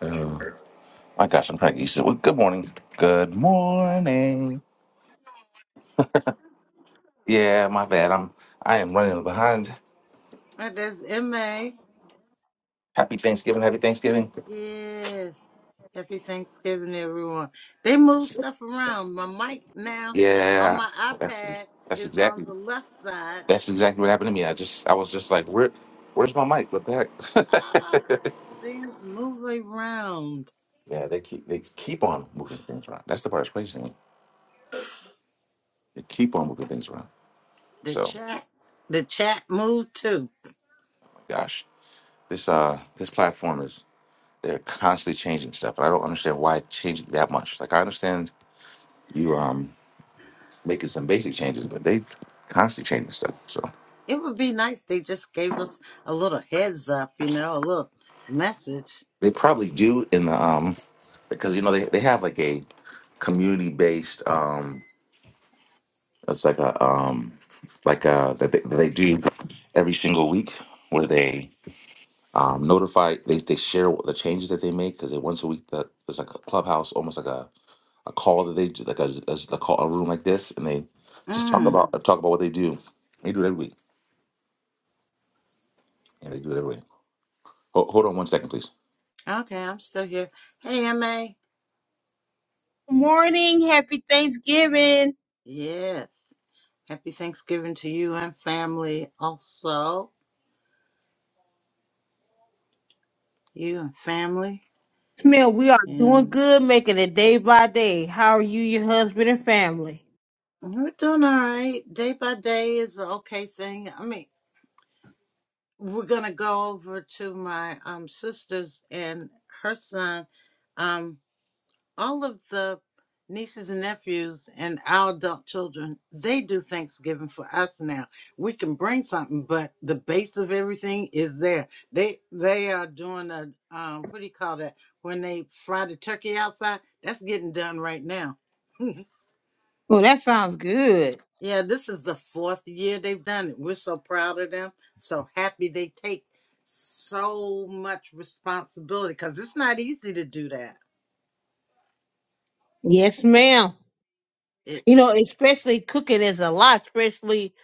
Uh, my gosh, I'm trying to get used to it. Well, Good morning. Good morning. Yeah, my bad. I'm I am running behind. Oh, that's MA. Happy Thanksgiving. Happy Thanksgiving. Yes. Happy Thanksgiving, everyone. They move stuff around. My mic now on Yeah, my that's iPad that's is on exactly the left side. that's exactly what happened to me. I just I was just like, where where's my mic? What Ah, the heck? things move around. yeah, they keep they keep on moving things around. That's the part that's crazy. to me. They keep on moving things around. The So chat, the chat moved too. gosh, this uh this platform is they're constantly changing stuff, and I don't understand why changing that much. Like I understand you um. making some basic changes, but they constantly changing stuff. So It would be nice. They just gave us a little heads up, you know, a little message. they probably do in the um because you know they, they have like a community based um it's like a um like uh that they, that they do every single week where they um notify they, they share what the changes that they make because they once a week that there's like a clubhouse almost like a, a call that they do like a, a, a call a room like this and they just talk Mhm. Mm. about talk about what they do they do it every week and they do it every week Ho- hold on one second please Okay, I'm still here. Hey, MA. morning. Happy Thanksgiving. Yes. Happy Thanksgiving to you and family also. you and family Smell, we are doing and good, making it day by day. How are you, your husband, and family? we're doing all right day by day is an okay thing i mean we're gonna go over to my um sisters and her son um all of the nieces and nephews and our adult children they do thanksgiving for us now we can bring something but the base of everything is there they they are doing a um what do you call that when they fry the turkey outside that's getting done right now Oh, that sounds good. Yeah, this is the fourth year they've done it. We're so proud of them. So happy they take so much responsibility because it's not easy to do that. Yes, ma'am. It. You know, especially cooking is a lot, especially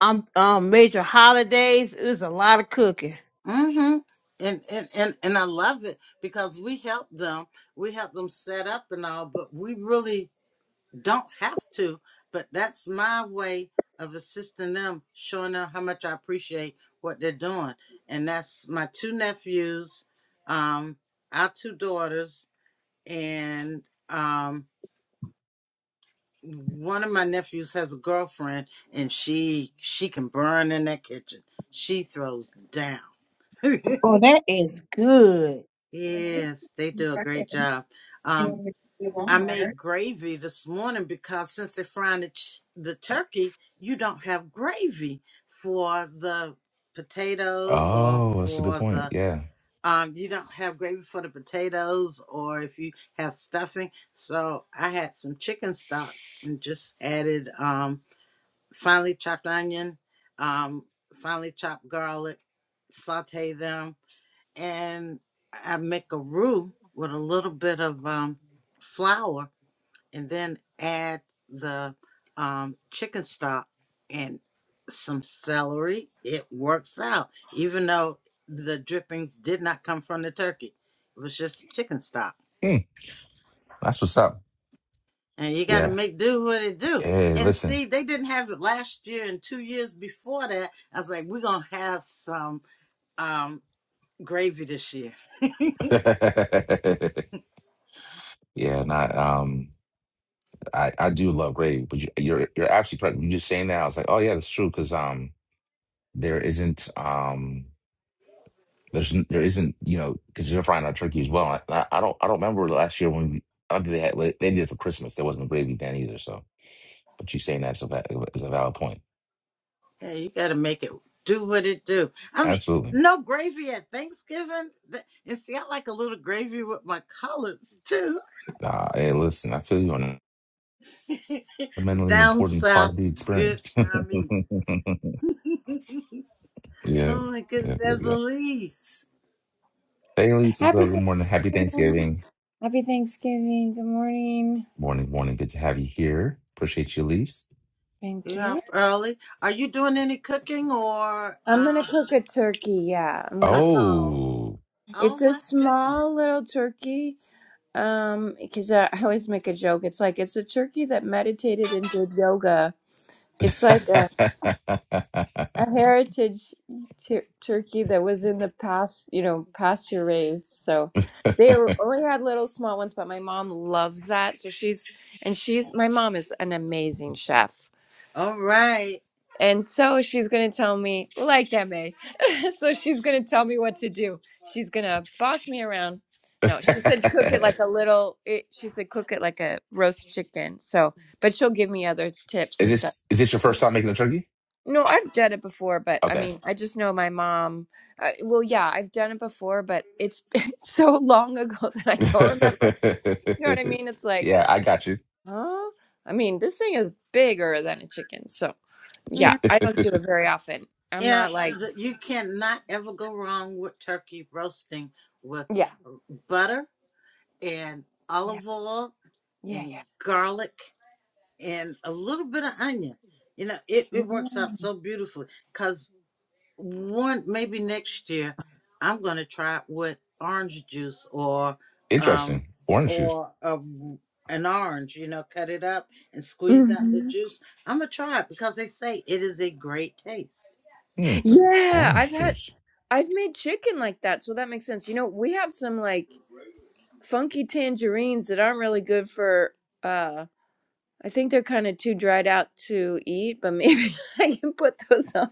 um, um major holidays is a lot of cooking. Mm-hmm. And, and and and I love it because we help them. We help them set up and all, but we really don't have to. But that's my way of assisting them, showing them how much I appreciate what they're doing. And that's my two nephews, um, our two daughters, and um one of my nephews has a girlfriend and she she can burn in that kitchen she throws down Oh, that is good. yes they do a great job um i made gravy this morning because since they're frying the, ch- the turkey you don't have gravy for the potatoes or Oh, that's a good for point. the Yeah. um, you don't have gravy for the potatoes or if you have stuffing. So I had some chicken stock and just added um, finely chopped onion, um, finely chopped garlic, saute them, and I make a roux with a little bit of um, flour and then add the um, chicken stock and some celery. It works out, even though the drippings did not come from the turkey. It was just chicken stock. Hmm. That's what's up. And you got to Yeah. make do what it do. Hey, And listen. see, they didn't have it last year and two years before that. I was like, we're going to have some um, gravy this year yeah, not um I I do love gravy, but you, you're you're absolutely correct. You just saying that I was like, "Oh yeah, that's true because um there isn't um there's n- there isn't, you know, cuz you're frying our turkey as well. I, I don't I don't remember last year when we I don't think they had well, they did it for Christmas. There wasn't gravy then either, so but you saying that's a va- is a valid point. Yeah, you got to make it do what it do. I mean, Absolutely. no gravy at Thanksgiving. Th- And see, I like a little gravy with my collards too. Uh, hey, listen, I feel you on that. fundamentally Down important part of south, the good experience. time eating. yeah, Oh my goodness, yeah, yeah, that's yeah. Elise. Hey, Elise, it's uh, Happy good morning. Happy Thanksgiving. Happy Thanksgiving. Good morning. Morning, morning. Good to have you here. Appreciate you, Elise. Thank You're you. up early. Are you doing any cooking or? I'm gonna Um, cook a turkey. Yeah, I'm uh gonna. oh. Oh, Oh It's a my goodness. small little turkey. Um, because I, I always make a joke. It's like it's a turkey that meditated and did yoga. It's like a is a heritage tur turkey that was in the past, you know, pasture raised. So they were- only had little small ones, but my mom loves that. So she's and she's my mom is an amazing chef. All right. And so she's going to tell me, like MA. so she's going to tell me what to do. She's going to boss me around. No, she said cook it like a little, it, she said cook it like a roast chicken. So, but she'll give me other tips and stuff. this is this your Mhm. first time making a turkey? No, I've done it before, but I Okay. mean, I just know my mom. I, well, yeah, I've done it before, but it's, it's so long ago that I don't remember. You know what I mean? It's like, yeah, I got you. huh? I mean, this thing is bigger than a chicken. So, yeah, Yeah, I don't do it very often. I'm yeah. not like, th- You cannot ever go wrong with turkey roasting with Yeah. uh, butter and Yeah. olive oil Yeah. and Yeah. garlic and a little bit of onion. You know, it, it works out so beautifully because one, maybe next year, I'm going to try it with orange juice or, um, interesting. Orange juice. or a, an orange, you know, cut it up and squeeze out the Mm-hmm. juice. I'm going to try it because they say it is a great taste. Hmm. Yeah. I've Orange had, juice. I've made chicken like that. So that makes sense. You know, we have some like funky tangerines that aren't really good for, uh, I think they're kind of too dried out to eat, but maybe I can put those on.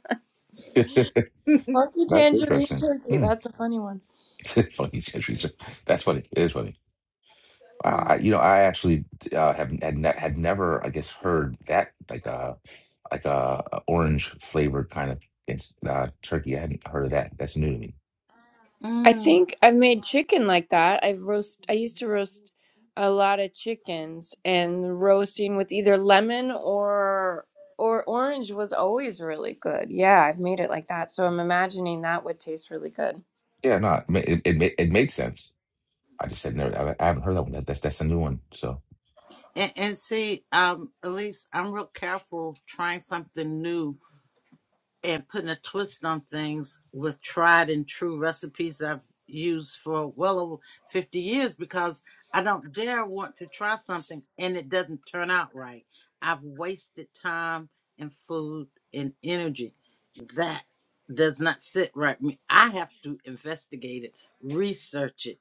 Funky That's tangerine interesting. turkey. Hmm. That's a funny one. funny. It's interesting. That's funny. It is funny. Uh, I, Mm. you know, I actually uh, have had, ne had never, I guess, heard that like a like a, a orange flavored kind of it's, uh, turkey. I hadn't heard of that. That's new to me. I Mm. think I've made chicken like that. I've roast I used to roast a lot of chickens and roasting with either lemon or or orange was always really good. Yeah, I've made it like that. So I'm imagining that would taste really good. Yeah, no, it ma- it it, ma- it makes sense. I just said never, I, I haven't heard that one. That, that's that's a new one. So And, and see, um, Elise, I'm real careful trying something new and putting a twist on things with tried and true recipes I've used for well over 50 years because I don't dare want to try something and it doesn't turn out right. I've wasted time and food and energy. That does not sit right with me. I have to investigate it, research it,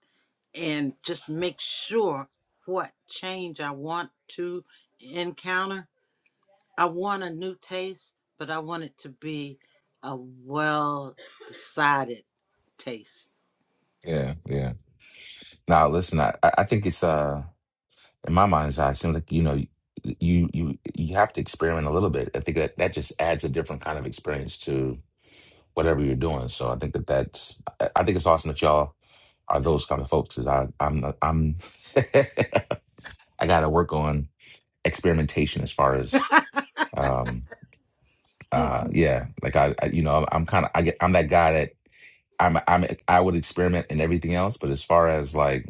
and just make sure what change I want to encounter I want a new taste, but I want it to be a well decided taste. yeah, yeah. Now listen, I I I think it's uh in my mind's eye, it seems like you know you you you have to experiment a little bit. I think that that just adds a different kind of experience to. whatever you're doing. So I think that that's I I think it's awesome that y'all are those kind of folks. Is I I'm not- I'm I got to work on experimentation as far as um uh yeah like I, I you know I'm kind of I get I'm that guy that I'm I'm I would experiment in everything else, but as far as like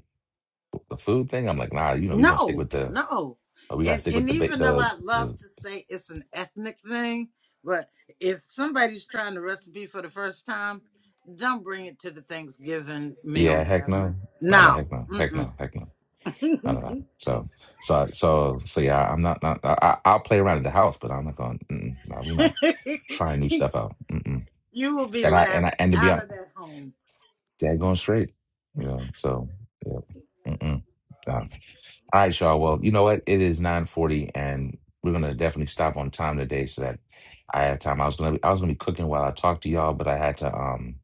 the food thing, I'm like nah you know we gonna stick No, with the no. uh, we gotta And stick with and the ba- even though the, I love the to say it's an ethnic thing, but if somebody's trying the recipe for the first time, don't bring it to the Thanksgiving meal yeah heck gathering. no no no No. heck no heck Mm-mm. no heck no I don't know. So, so, so, so, yeah. I'm not. not I, I- I'll play around at the house, but I'm not going. Mm-mm, no, we're not trying new stuff out. Mm-mm. you will be And I and laughed I and to be out honest, of that home. dead going straight. You know. So, yeah. Mm-mm. Uh, all right, y'all. Well, you know what? It is 9:40, and we're gonna definitely stop on time today so that I have time. I was gonna I was gonna be cooking while I talked to y'all, but I had to. Um,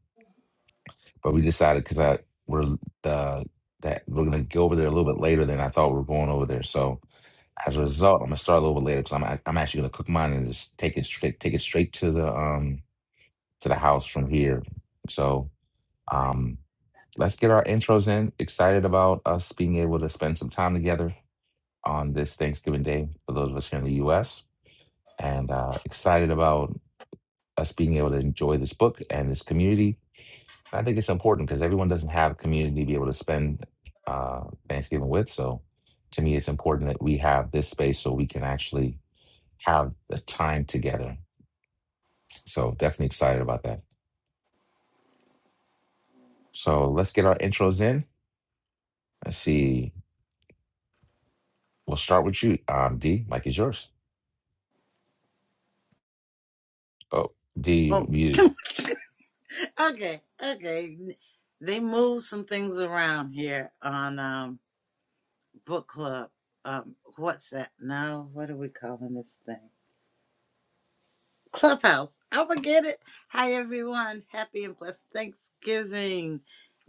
but we decided because I we're the that we're gonna go over there a little bit later than I thought we were going over there. So. As a result, I'm gonna start a little bit later because I'm I'm actually gonna cook mine and just take it straight take it straight to the um to the house from here. So um let's get our intros in. Excited about us being able to spend some time together on this Thanksgiving Day for those of us here in the U.S. and uh, excited about us being able to enjoy this book and this community. I think it's important because everyone doesn't have a community to be able to spend uh, Thanksgiving with. So to me, it's important that we have this space so we can actually have the time together. So definitely excited about that. So let's get our intros in. Let's see. We'll start with you, um, D. Mike is yours. Oh, D, you want Oh. Okay, okay. They moved some things around here on um book club. Um what's that No, What are we calling this thing? Clubhouse. I forget it. Hi everyone. Happy and blessed Thanksgiving.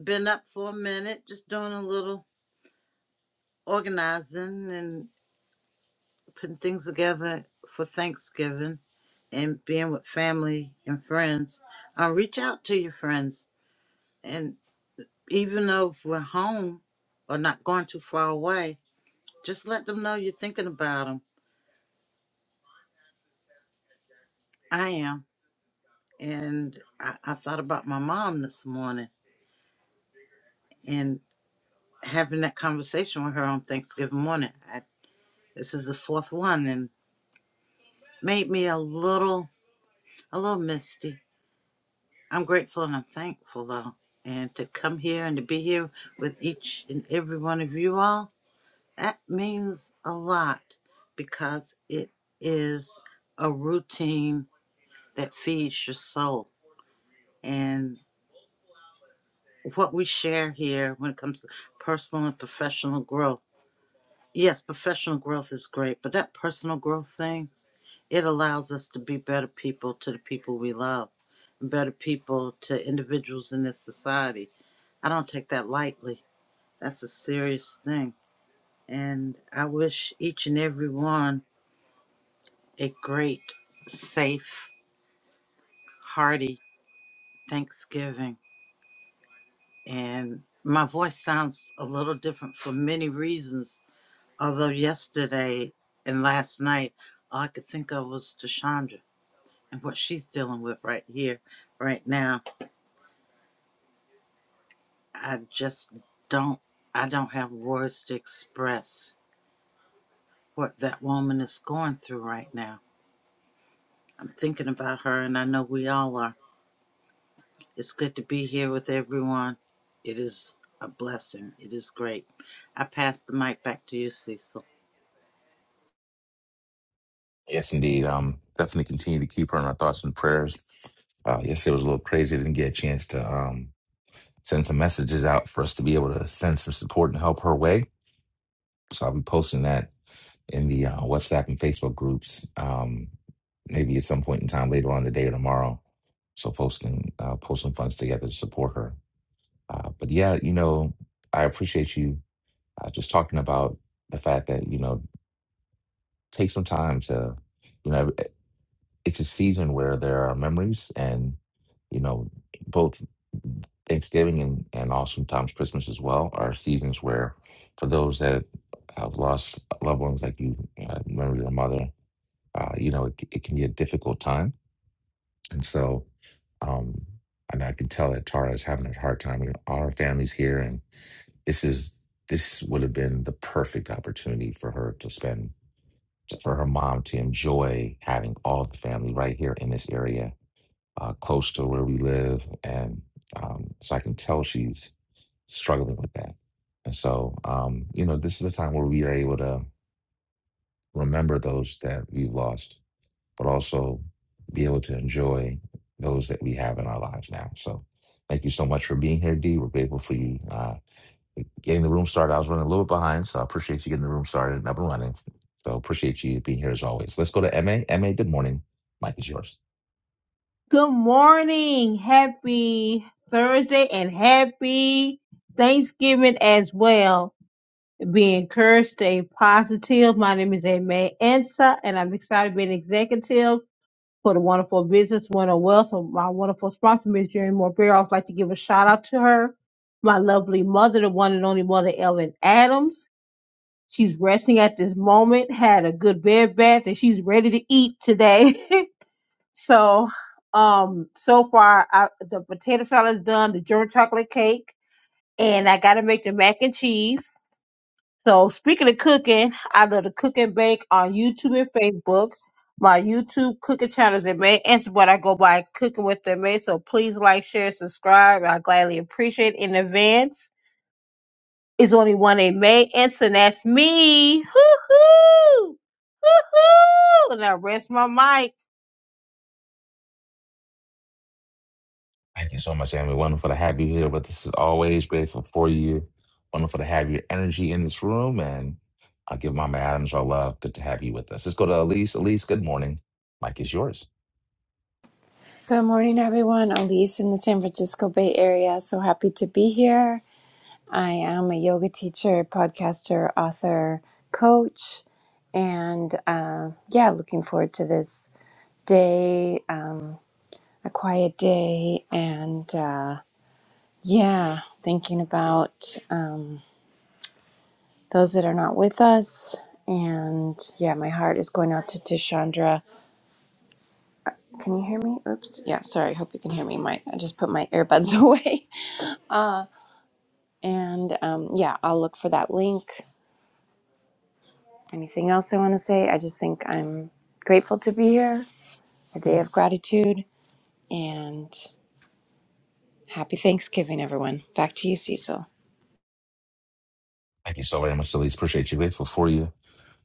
Been up for a minute, just doing a little organizing and putting things together for Thanksgiving and being with family and friends. Uh, reach out to your friends and. even though if we're home or not going too far away, just let them know you're thinking about them. I am. And I, I thought about my mom this morning and having that conversation with her on Thanksgiving morning. I, this is the fourth one and made me a little, a little misty. I'm grateful and I'm thankful though. And to come here and to be here with each and every one of you all, that means a lot because it is a routine that feeds your soul. And what we share here when it comes to personal and professional growth, yes, professional growth is great, but that personal growth thing, it allows us to be better people to the people we love, and better people to individuals in this society. I don't take that lightly. That's a serious thing. And I wish each and every one a great, safe, hearty Thanksgiving and my voice sounds a little different for many reasons. Although yesterday and last night, all I could think of was Deshandra and what she's dealing with right here, right now. I just don't, I don't have words to express what that woman is going through right now. I'm thinking about her, and I know we all are. It's good to be here with everyone. It is a blessing. It is great. I pass the mic back to you, Cecil. Yes, indeed. Um, definitely continue to keep her in our thoughts and prayers. Uh, yesterday was a little crazy. I didn't get a chance to um send some messages out for us to be able to send some support and help her way. So I'll be posting that in the uh, WhatsApp and Facebook groups. Um, maybe at some point in time later on in the day or tomorrow, so folks can uh, pull some funds together to support her. Uh, but yeah, you know, I appreciate you uh, just talking about the fact that you know take some time to, you know, it's a season where there are memories and you know both Thanksgiving and and also sometimes Christmas as well are seasons where for those that have lost loved ones like you uh, remember your mother uh, you know, it, c- it can be a difficult time. And so, um, and I can tell that Tara is having a hard time. and All her family's here, and this is this would have been the perfect opportunity for her to spend for her mom to enjoy having all the family right here in this area, uh, close to where we live, and um, so I can tell she's struggling with that. And so, um, you know, this is a time where we are able to remember those that we've lost but also be able to enjoy those that we have in our lives now. So thank you so much for being here, D. We're grateful for you uh, getting the room started. I was running a little bit behind, so I appreciate you getting the room started and up and running. So appreciate you being here as always. Let's go to MA. MA, good morning. Mike is yours. Good morning. Happy Thursday and happy Thanksgiving as well. Be encouraged, stay positive. My name is Aimee Ansa, and I'm excited to be an executive for the wonderful business winner wealth. So my wonderful sponsor, Ms. Jerry Morbeer. I would like to give a shout out to her, my lovely mother, the one and only mother, Ellen Adams. She's resting at this moment, had a good bed bath, and she's ready to eat today. so, um, so far, I, the potato salad's done, the German chocolate cake, and I got to make the mac and cheese so speaking of cooking, I love to cook and bake on YouTube and Facebook. My YouTube cooking channel is May Answer what I go by Cooking with the May. So please like, share, subscribe. I gladly appreciate it in advance. It's only one in May Answer, and that's me. Hoo hoo, hoo hoo. And I rest my mic. Thank you so much, Amy. Wonderful to have you here with us as always. Grateful for you. Wonderful to have your energy in this room. And I'll give Mama Adams our love. Good to have you with us. Let's go to Elise. Elise, good morning. Mike is yours. Good morning everyone. Elise in the San Francisco Bay Area. So happy to be here. I am a yoga teacher, podcaster, author, coach, and uh, yeah, looking forward to this day. Um, a quiet day and uh, yeah thinking about um, those that are not with us and yeah my heart is going out to, to chandra can you hear me oops yeah sorry hope you can hear me my i just put my earbuds away uh, and um, yeah i'll look for that link anything else i want to say i just think i'm grateful to be here a day of gratitude and happy thanksgiving everyone back to you cecil Thank you so very much, Elise. Appreciate you. Grateful for you.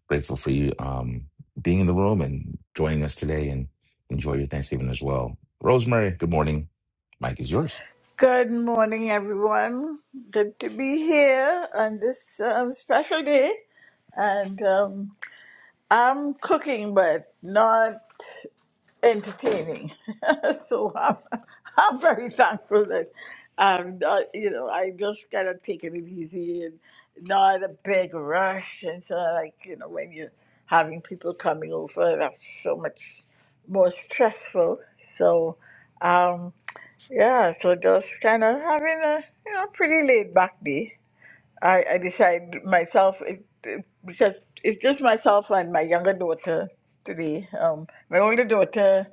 Grateful for you um, being in the room and joining us today and enjoy your Thanksgiving as well. Rosemary, good morning. Mike is yours. Good morning, everyone. Good to be here on this um, special day. And um, I'm cooking, but not entertaining. so I'm, I'm very thankful that I'm not, you know, I just kind of taking it easy and not a big rush. And so, like, you know, when you're having people coming over, that's so much more stressful. So, um, yeah, so just kind of having a you know pretty laid back day. I, I decide myself it, it- because it's just myself and my younger daughter today. Um, my older daughter,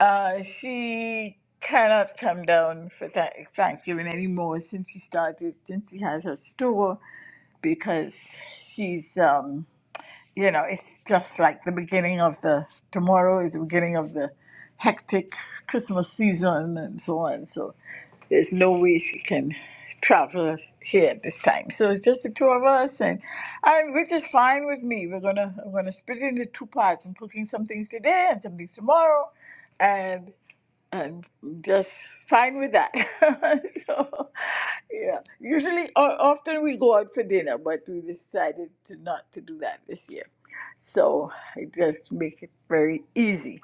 uh, she cannot come down for Tha- Thanksgiving anymore since she started since she has her store because she's um you know it's just like the beginning of the tomorrow is the beginning of the hectic Christmas season and so on. So there's no way she can travel here at this time. So it's just the two of us, and I, which is fine with me. We're gonna I'm gonna split it into two parts. I'm cooking some things today and some things tomorrow, and I'm just fine with that. so yeah, usually o- often we go out for dinner, but we decided to not to do that this year. So I just make it very easy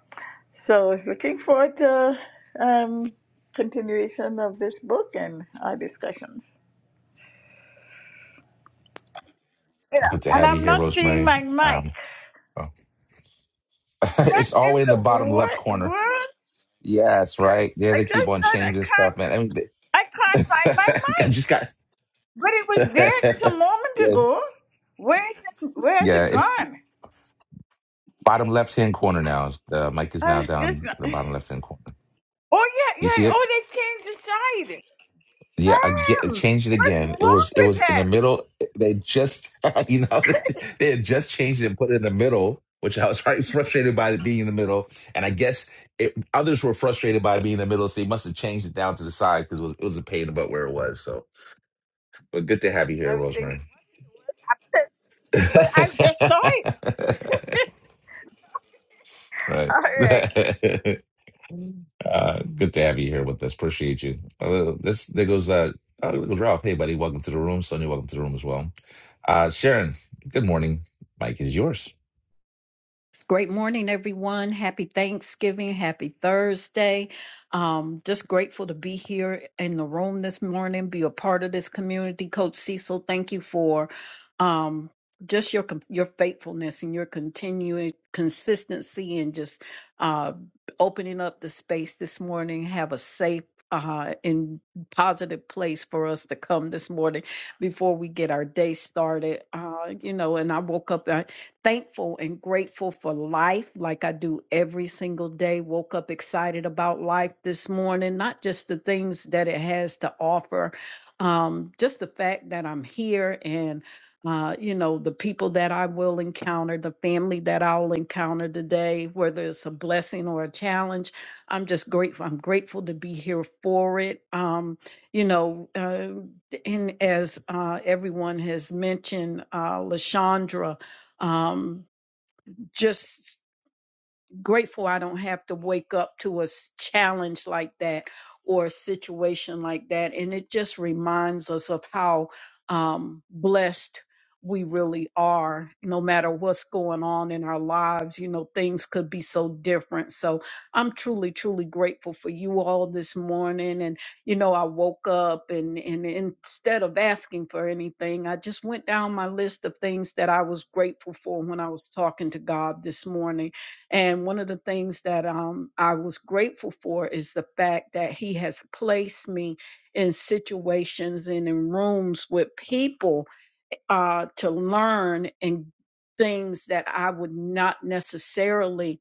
so looking forward to um, continuation of this book and our discussions. Yeah, Oh, Good to and have you I'm here, not seeing Rosemary. my mic. Um, oh. What it's in always in the the bottom left wor- corner. world? Yes, Just- right. Yeah, I they keep just on thought I changing stuff, can't. man. I mean, they- I can't find my I just mic. got. But it was there just a moment yeah, ago. Where is it? Where has yeah. it It's gone? bottom left hand corner now. It's- Uh, Mike is now I down just. in the bottom left hand corner. Oh yeah, You see yeah. it? Oh, they changed the side. Yeah, again, Damn! changed it What's again. It wrong was it with was in the that? middle. They just you know they had just changed it and put it in the middle, which I was very frustrated by it being in the middle. And I guess it, others were frustrated by it being in the middle, so they must have changed it down to the side because it was it was a pain about where it was. So, but good to have you here, I was thinking, Rosemary. but I just saw it. right. All right. Uh, good to have you here with us. Appreciate you. Uh, this there goes uh, oh, there goes Ralph. Hey, buddy, welcome to the room. Sonia, welcome to the room as well. Uh, Sharon, good morning. Mike is yours. It's Great morning, everyone. Happy Thanksgiving. Happy Thursday. Um, just grateful to be here in the room this morning, be a part of this community. Coach Cecil, thank you for um, just your com- your faithfulness and your continuing consistency and just uh, opening up the space this morning. Have a safe uh, and positive place for us to come this morning before we get our day started. Uh, you know, and I woke up thankful and grateful for life like I do every single day. Woke up excited about life this morning, not just the things that it has to offer, um, just the fact that I'm here and uh, you know, the people that I will encounter, the family that I'll encounter today, whether it's a blessing or a challenge, I'm just grateful. I'm grateful to be here for it. Um, you know, uh, and as uh, everyone has mentioned, uh, Lashandra, um, just grateful I don't have to wake up to a s- challenge like that or a situation like that. And it just reminds us of how um, blessed we really are, no matter what's going on in our lives. You know, things could be so different. So I'm truly, truly grateful for you all this morning. And, you know, I woke up and, and instead of asking for anything, I just went down my list of things that I was grateful for when I was talking to God this morning and one of the things that um, I was grateful for is the fact that he has placed me in situations and in rooms with people uh, to learn and things that I would not necessarily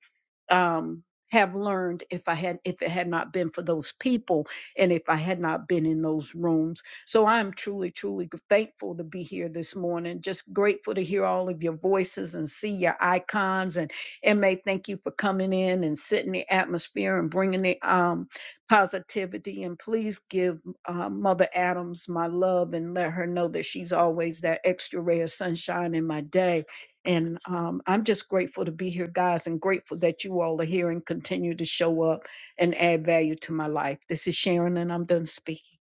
um, have learned if I had if it had not been for those people and if I had not been in those rooms. So I'm truly, truly thankful to be here this morning. Just grateful to hear all of your voices and see your icons. And and may thank you for coming in and setting the atmosphere and bringing the um, positivity. And please give uh, Mother Adams my love and let her know that she's always that extra ray of sunshine in my day. And um, I'm just grateful to be here, guys, and grateful that you all are here and continue to show up and add value to my life. This is Sharon, and I'm done speaking.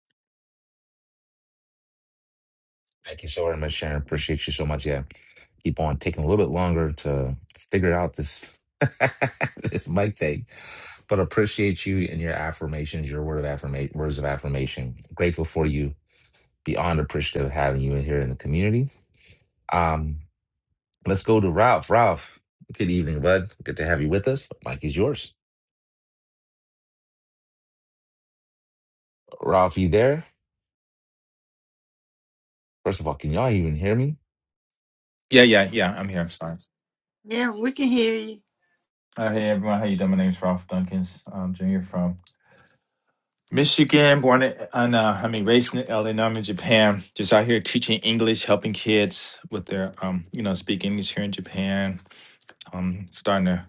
Thank you so very much, Sharon. Appreciate you so much. Yeah, keep on taking a little bit longer to figure out this this mic thing, but appreciate you and your affirmations, your word of affirmation, words of affirmation. Grateful for you. Beyond appreciative of having you in here in the community. Um, Let's go to Ralph. Ralph, good evening, bud. Good to have you with us. Mike is yours. Ralph, you there? First of all, can y'all even hear me? Yeah, yeah, yeah. I'm here. I'm sorry. Yeah, we can hear you. Uh, hey everyone, how you doing? My name's Ralph Dunkins. I'm Junior from Michigan, born in, on, uh, I mean, raised in LA, now I'm in Japan. Just out here teaching English, helping kids with their, um, you know, speak English here in Japan. Um, starting to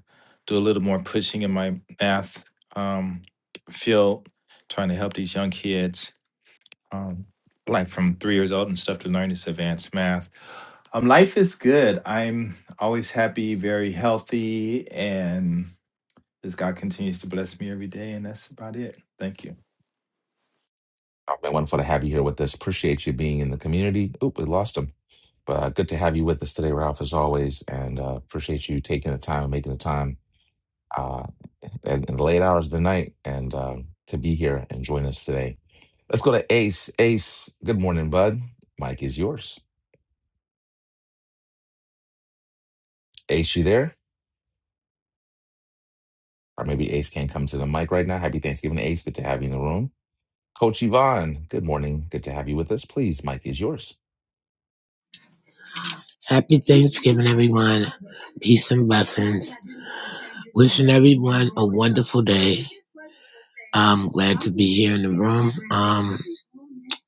do a little more pushing in my math um, field, trying to help these young kids, um, like from three years old and stuff, to learn this advanced math. Um, life is good. I'm always happy, very healthy, and As God continues to bless me every day, and that's about it. Thank you. Oh, man, wonderful to have you here with us. Appreciate you being in the community. Oop, we lost him. But uh, good to have you with us today, Ralph, as always. And uh, appreciate you taking the time, making the time uh, in, in the late hours of the night and uh, to be here and join us today. Let's go to Ace. Ace, good morning, bud. Mike is yours. Ace, you there? Or maybe Ace can't come to the mic right now. Happy Thanksgiving, Ace. Good to have you in the room. Coach Yvonne, good morning. Good to have you with us. Please, Mike is yours. Happy Thanksgiving, everyone. Peace and blessings. Wishing everyone a wonderful day. I'm glad to be here in the room. Um,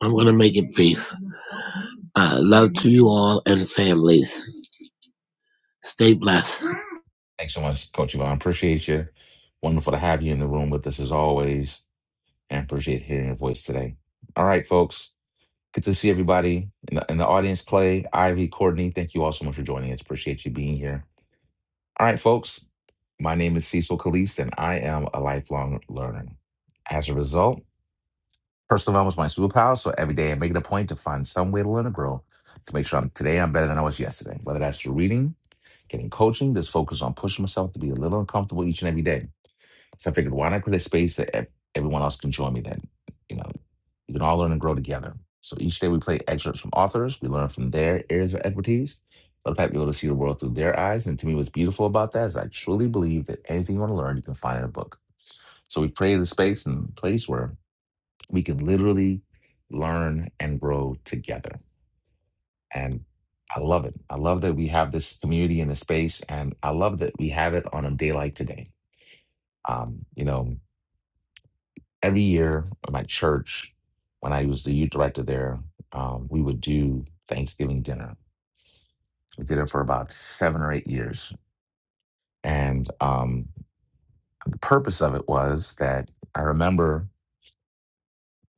I'm going to make it brief. Uh, love to you all and families. Stay blessed. Thanks so much, Coach Yvonne. Appreciate you. Wonderful to have you in the room with us as always, and appreciate hearing your voice today. All right, folks. Good to see everybody in the, in the audience. Clay, Ivy, Courtney, thank you all so much for joining us. Appreciate you being here. All right, folks. My name is Cecil Caliste, and I am a lifelong learner. As a result, personal development is my superpower. So every day I make it a point to find some way to learn and grow to make sure I'm today I'm better than I was yesterday, whether that's through reading Getting coaching, just focus on pushing myself to be a little uncomfortable each and every day. So I figured, why not create a space that ev- everyone else can join me then? You know, you can all learn and grow together. So each day we play excerpts from authors. We learn from their areas of expertise. Love to be able to see the world through their eyes. And to me, what's beautiful about that is I truly believe that anything you want to learn, you can find in a book. So we created a space and place where we can literally learn and grow together. And I love it. I love that we have this community in this space, and I love that we have it on a day like today. Um, you know, every year at my church, when I was the youth director there, um, we would do Thanksgiving dinner. We did it for about seven or eight years. And um, the purpose of it was that I remember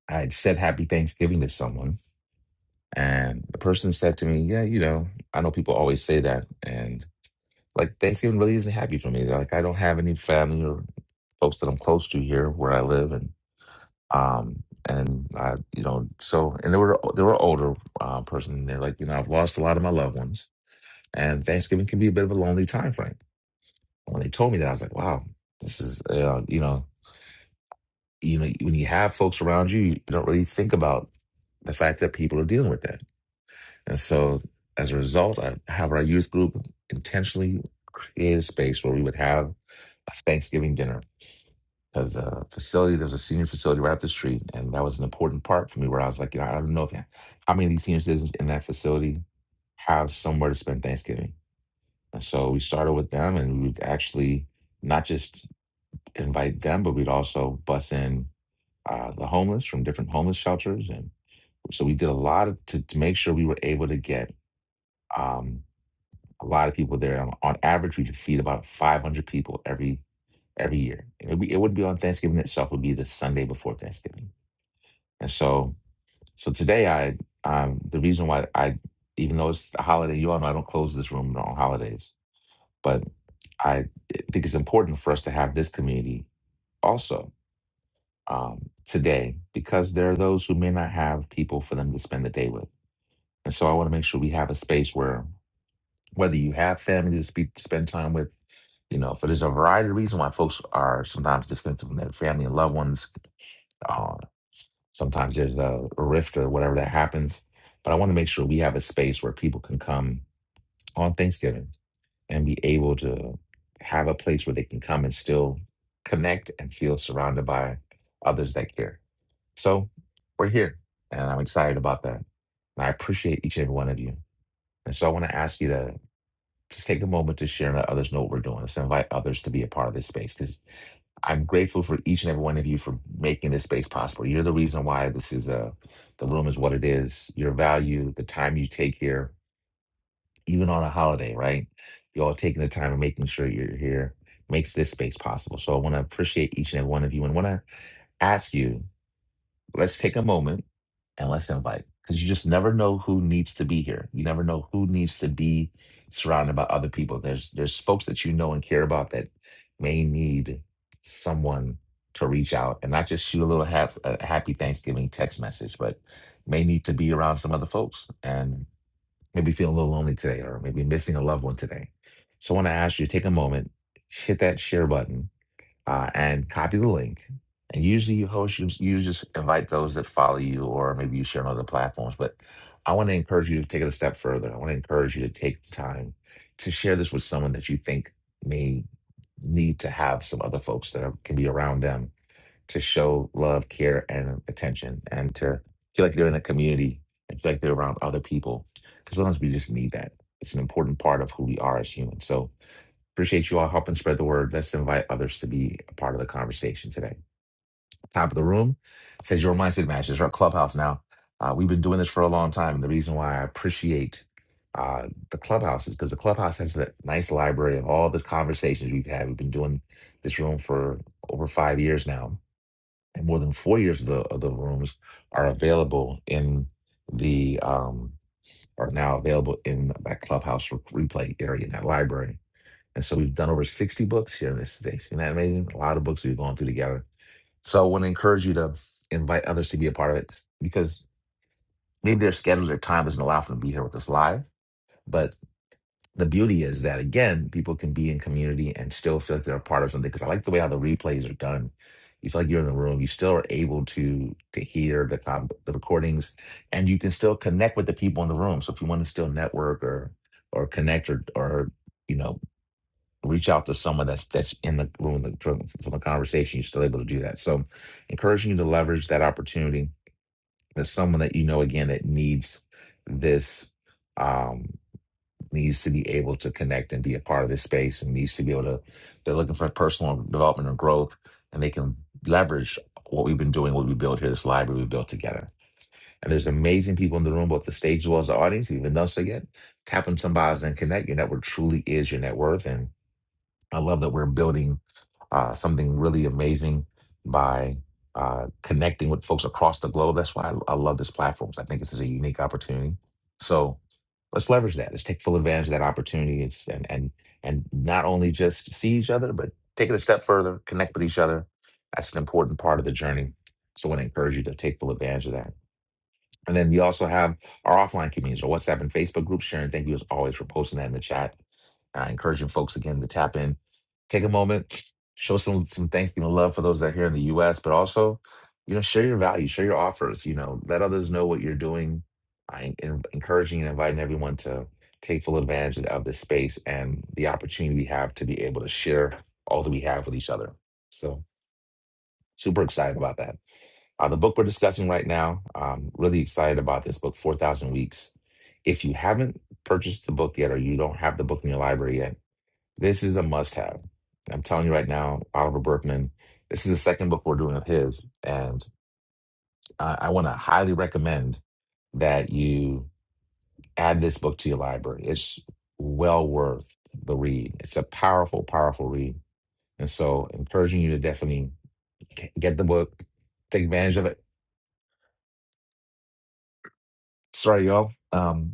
I had said Happy Thanksgiving to someone, and the person said to me, Yeah, you know, I know people always say that. and. Like Thanksgiving really isn't happy for me. Like I don't have any family or folks that I'm close to here where I live, and um and I you know so and they were they were older uh, person. and They're like you know I've lost a lot of my loved ones, and Thanksgiving can be a bit of a lonely time frame. When they told me that, I was like, wow, this is uh, you know you know when you have folks around you, you don't really think about the fact that people are dealing with that And so as a result, I have our youth group intentionally create a space where we would have a Thanksgiving dinner because the facility, there was a senior facility right up the street. And that was an important part for me where I was like, you know, I don't know if, how many of these senior citizens in that facility have somewhere to spend Thanksgiving. And so we started with them and we would actually not just invite them, but we'd also bus in uh, the homeless from different homeless shelters. And so we did a lot of, to, to make sure we were able to get, um, a lot of people there. On, on average, we could feed about 500 people every every year. It would be, it wouldn't be on Thanksgiving itself; it would be the Sunday before Thanksgiving. And so, so today, I um, the reason why I, even though it's a holiday, you all know I don't close this room on holidays, but I think it's important for us to have this community also um, today because there are those who may not have people for them to spend the day with. And so, I want to make sure we have a space where whether you have family to speak, spend time with You know, for there's a variety of reasons why folks are sometimes disconnected from their family and loved ones. Uh, sometimes there's a rift or whatever that happens. But I want to make sure we have a space where people can come on Thanksgiving and be able to have a place where they can come and still connect and feel surrounded by others that care. So we're here, and I'm excited about that. And I appreciate each and every one of you. And so I want to ask you to just take a moment to share and let others know what we're doing. Let's invite others to be a part of this space because. I'm grateful for each and every one of you for making this space possible. You're the reason why this is a the room is what it is. Your value, the time you take here, even on a holiday, right? You all taking the time and making sure you're here makes this space possible. So I want to appreciate each and every one of you and want to ask you let's take a moment and let's invite because you just never know who needs to be here you never know who needs to be surrounded by other people there's there's folks that you know and care about that may need someone to reach out and not just shoot a little half a happy thanksgiving text message but may need to be around some other folks and maybe feeling a little lonely today or maybe missing a loved one today so i want to ask you take a moment hit that share button uh, and copy the link. And usually you host, you, you just invite those that follow you, or maybe you share on other platforms. But I want to encourage you to take it a step further. I want to encourage you to take the time to share this with someone that you think may need to have some other folks that are, can be around them to show love, care, and attention, and to feel like they're in a community and feel like they're around other people. Because sometimes we just need that. It's an important part of who we are as humans. So Appreciate you all helping spread the word. Let's invite others to be a part of the conversation today. Top of the room says your mindset matches. Our clubhouse now. Uh, we've been doing this for a long time, and the reason why I appreciate uh, the clubhouse is because the clubhouse has a nice library of all the conversations we've had. We've been doing this room for over five years now, and more than four years of the of the rooms are available in the um, are now available in that clubhouse replay area in that library and so we've done over 60 books here in this space. Isn't that amazing? A lot of books we've gone through together. So I want to encourage you to invite others to be a part of it because maybe their schedule, their time doesn't allow for them to be here with us live. But the beauty is that, again, people can be in community and still feel like they're a part of something because I like the way how the replays are done. You feel like you're in the room. You still are able to to hear the com- the recordings, and you can still connect with the people in the room. So if you want to still network or or connect or or you know reach out to someone that's that's in the room the- from, from the conversation you're still able to do that so encouraging you to leverage that opportunity there's someone that you know again that needs this um needs to be able to connect and be a part of this space and needs to be able to they're looking for personal development or growth and they can leverage what we've been doing what we built here this library we built together and there's amazing people in the room both the stage as well as the audience even though so yet tap on somebody and connect your network truly is your net worth and. I love that we're building uh, something really amazing by uh, connecting with folks across the globe. That's why I, I love this platform. I think this is a unique opportunity. So let's leverage that. Let's take full advantage of that opportunity and and and, and not only just see each other, but take it a step further, connect with each other. That's an important part of the journey. So I want to encourage you to take full advantage of that. And then we also have our offline communities, our WhatsApp and Facebook groups. Sharon, thank you as always for posting that in the chat. Uh, encouraging folks again to tap in, take a moment, show some some Thanksgiving love for those that are here in the U.S., but also, you know, share your value, share your offers. You know, let others know what you're doing. I en- encouraging and inviting everyone to take full advantage of of this space and the opportunity we have to be able to share all that we have with each other. So super excited about that. Uh, the book we're discussing right now, um, really excited about this book, 4,000 Weeks. If you haven't purchased the book yet or you don't have the book in your library yet, this is a must have. I'm telling you right now, Oliver Berkman, this is the second book we're doing of his. And I, I want to highly recommend that you add this book to your library. It's well worth the read. It's a powerful, powerful read. And so, encouraging you to definitely get the book, take advantage of it. Sorry, y'all. Um,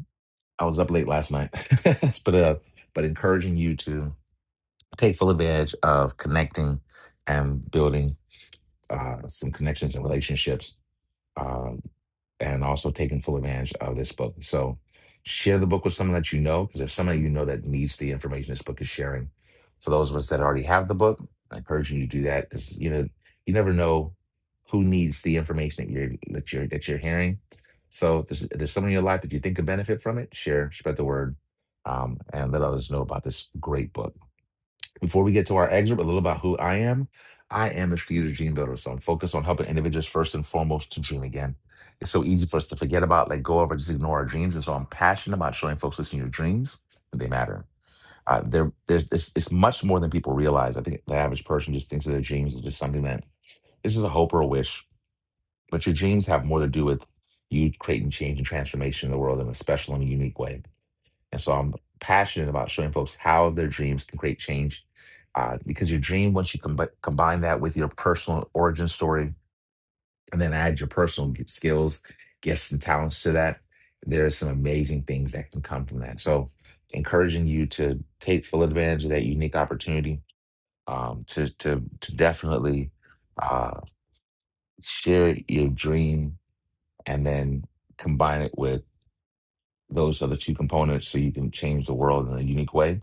I was up late last night, but uh, but encouraging you to take full advantage of connecting and building uh, some connections and relationships um, and also taking full advantage of this book. So share the book with someone that you know, because there's someone that you know that needs the information this book is sharing. For those of us that already have the book, I encourage you to do that because you know you never know who needs the information that you're that you're that you're hearing. So if there's, if there's someone in your life that you think could benefit from it, share, spread the word, um, and let others know about this great book. Before we get to our excerpt, a little about who I am. I am a strategic dream builder, so I'm focused on helping individuals first and foremost to dream again. It's so easy for us to forget about, let go of, or just ignore our dreams. And so I'm passionate about showing folks listening your dreams, that they matter. Uh, there, there's it's, it's much more than people realize. I think the average person just thinks of their dreams as just something that this is a hope or a wish. But your dreams have more to do with you creating change and transformation in the world in a special and unique way. And so I'm passionate about showing folks how their dreams can create change. Uh, because your dream, once you combi- combine that with your personal origin story and then add your personal g- skills, gifts, and talents to that, there are some amazing things that can come from that. So, encouraging you to take full advantage of that unique opportunity um, to, to, to definitely uh, share your dream and then combine it with those other two components so you can change the world in a unique way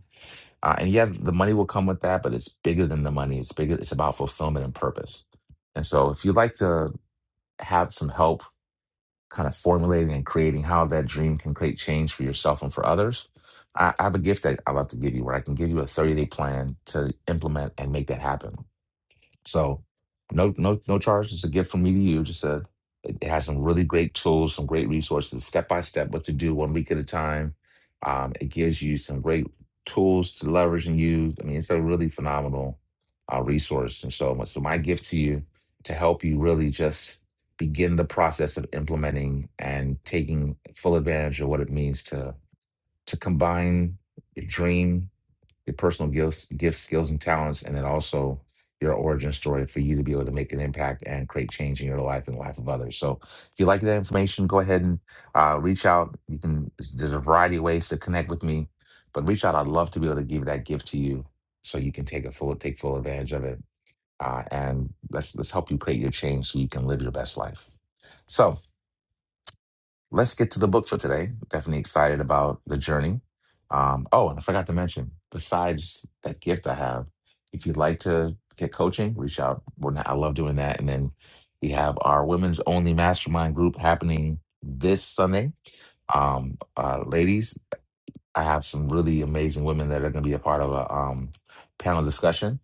Uh, and yeah, the money will come with that, but it's bigger than the money. It's bigger. It's about fulfillment and purpose. And so, if you'd like to have some help, kind of formulating and creating how that dream can create change for yourself and for others, I, I have a gift that I'd love to give you, where I can give you a thirty day plan to implement and make that happen. So no no no charge. It's a gift from me to you. Just a it it has some really great tools, some great resources, step by step, what to do one week at a time. Um, it gives you some great tools to leverage and use. I mean, it's a really phenomenal uh, resource. And so, my- so my gift to you to help you really just begin the process of implementing and taking full advantage of what it means to to combine your dream your personal gifts, gifts, skills, and talents, and then also your origin story for you to be able to make an impact and create change in your life and the life of others. So if you like that information, go ahead and uh, reach out. You can there's a variety of ways to connect with me, but reach out. I'd love to be able to give that gift to you so you can take a full take full advantage of it. Uh, and let's let's help you create your change so you can live your best life. So let's get to the book for today. Definitely excited about the journey. Um, oh, and I forgot to mention, besides that gift I have, if you'd like to get coaching, reach out. We're not- I love doing that. And then we have our women's only mastermind group happening this Sunday. Um, uh, ladies, I have some really amazing women that are going to be a part of a um, panel discussion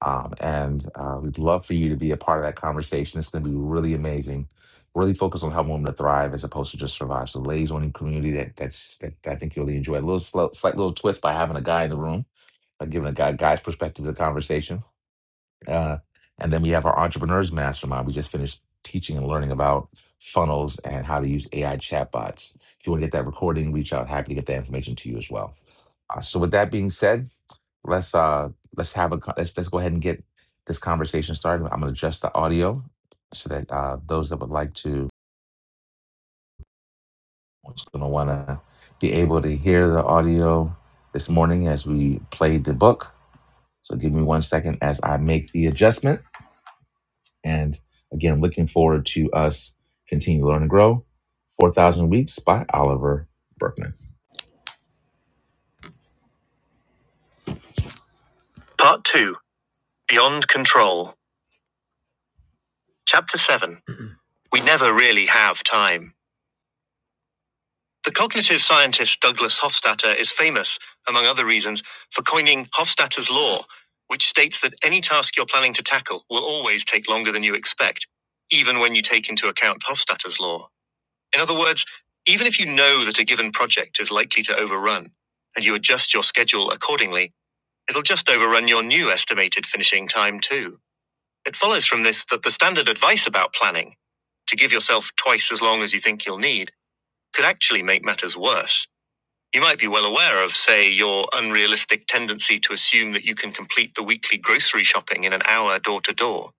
um, and uh, we'd love for you to be a part of that conversation. It's going to be really amazing. Really focus on helping women to thrive as opposed to just survive. So, ladies only community that that's that I think you'll really enjoy. A little slow, slight little twist by having a guy in the room, by giving a guy guy's perspective to the conversation. Uh, and then we have our entrepreneurs mastermind. We just finished teaching and learning about funnels and how to use AI chatbots. If you want to get that recording, reach out. Happy to get that information to you as well. Uh, so, with that being said, let's uh let's have a co- let's let's go ahead and get this conversation started. I'm gonna adjust the audio so that uh those that would like to who's gonna wanna be able to hear the audio this morning as we played the book. So give me one second as I make the adjustment. And again, looking forward to us continue to learn and grow. Four thousand weeks by Oliver Berkman. Part two: Beyond Control, Chapter Seven. We never really have time. The cognitive scientist Douglas Hofstadter is famous, among other reasons, for coining Hofstadter's law, which states that any task you're planning to tackle will always take longer than you expect, even when you take into account Hofstadter's law. In other words, even if you know that a given project is likely to overrun and you adjust your schedule accordingly, it'll just overrun your new estimated finishing time too. It follows from this that the standard advice about planning, to give yourself twice as long as you think you'll need, could actually make matters worse. You might be well aware of, say, your unrealistic tendency to assume that you can complete the weekly grocery shopping in an hour door to door.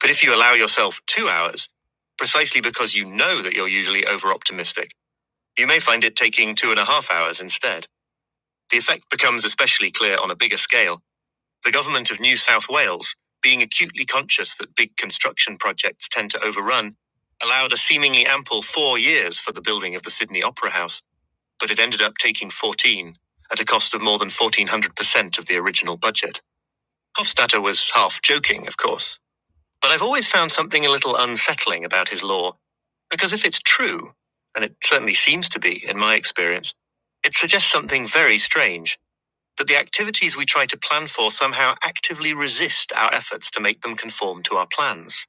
But if you allow yourself two hours, precisely because you know that you're usually over optimistic, you may find it taking two and a half hours instead. The effect becomes especially clear on a bigger scale. The government of New South Wales, being acutely conscious that big construction projects tend to overrun, allowed a seemingly ample four years for the building of the Sydney Opera House but it ended up taking 14, at a cost of more than 1400% of the original budget. Hofstadter was half joking, of course, but I've always found something a little unsettling about his law, because if it's true, and it certainly seems to be in my experience, it suggests something very strange that the activities we try to plan for somehow actively resist our efforts to make them conform to our plans.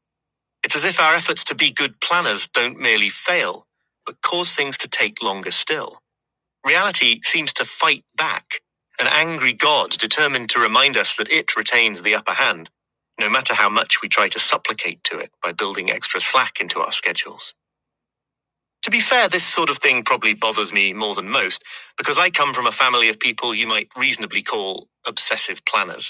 It's as if our efforts to be good planners don't merely fail, but cause things to take longer still. Reality seems to fight back, an angry God determined to remind us that it retains the upper hand, no matter how much we try to supplicate to it by building extra slack into our schedules. To be fair, this sort of thing probably bothers me more than most, because I come from a family of people you might reasonably call obsessive planners.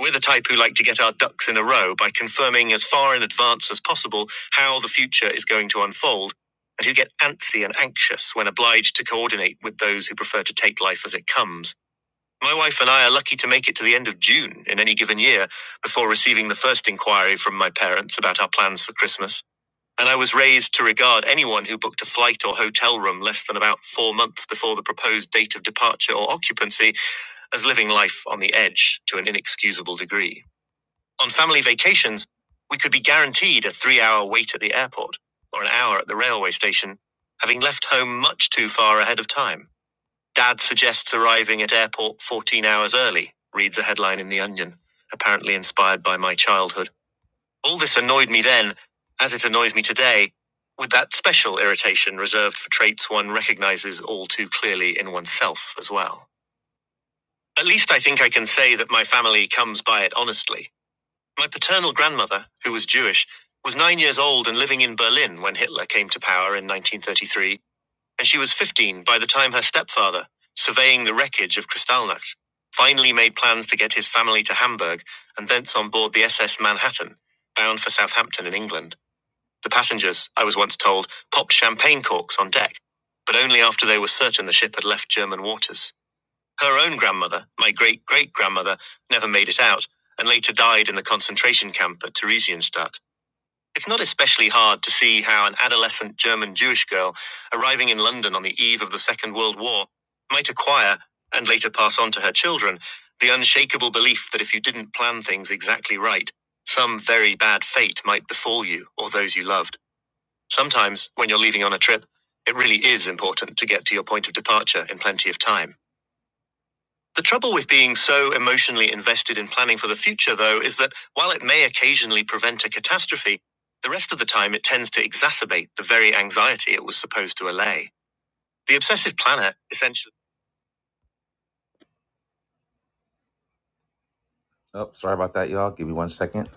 We're the type who like to get our ducks in a row by confirming as far in advance as possible how the future is going to unfold, and who get antsy and anxious when obliged to coordinate with those who prefer to take life as it comes. My wife and I are lucky to make it to the end of June in any given year before receiving the first inquiry from my parents about our plans for Christmas. And I was raised to regard anyone who booked a flight or hotel room less than about four months before the proposed date of departure or occupancy as living life on the edge to an inexcusable degree. On family vacations, we could be guaranteed a three hour wait at the airport or an hour at the railway station, having left home much too far ahead of time. Dad suggests arriving at airport 14 hours early, reads a headline in The Onion, apparently inspired by my childhood. All this annoyed me then, as it annoys me today, with that special irritation reserved for traits one recognizes all too clearly in oneself as well. At least I think I can say that my family comes by it honestly my paternal grandmother, who was Jewish, was nine years old and living in Berlin when Hitler came to power in 1933, and she was 15 by the time her stepfather, surveying the wreckage of Kristallnacht, finally made plans to get his family to Hamburg and thence on board the SS Manhattan, bound for Southampton in England. The passengers, I was once told, popped champagne corks on deck, but only after they were certain the ship had left German waters. Her own grandmother, my great great grandmother, never made it out and later died in the concentration camp at Theresienstadt. It's not especially hard to see how an adolescent German Jewish girl arriving in London on the eve of the Second World War might acquire, and later pass on to her children, the unshakable belief that if you didn't plan things exactly right, some very bad fate might befall you or those you loved. Sometimes, when you're leaving on a trip, it really is important to get to your point of departure in plenty of time. The trouble with being so emotionally invested in planning for the future, though, is that while it may occasionally prevent a catastrophe, the rest of the time it tends to exacerbate the very anxiety it was supposed to allay. The obsessive planner essentially oh, sorry about that, y'all. Give me one second.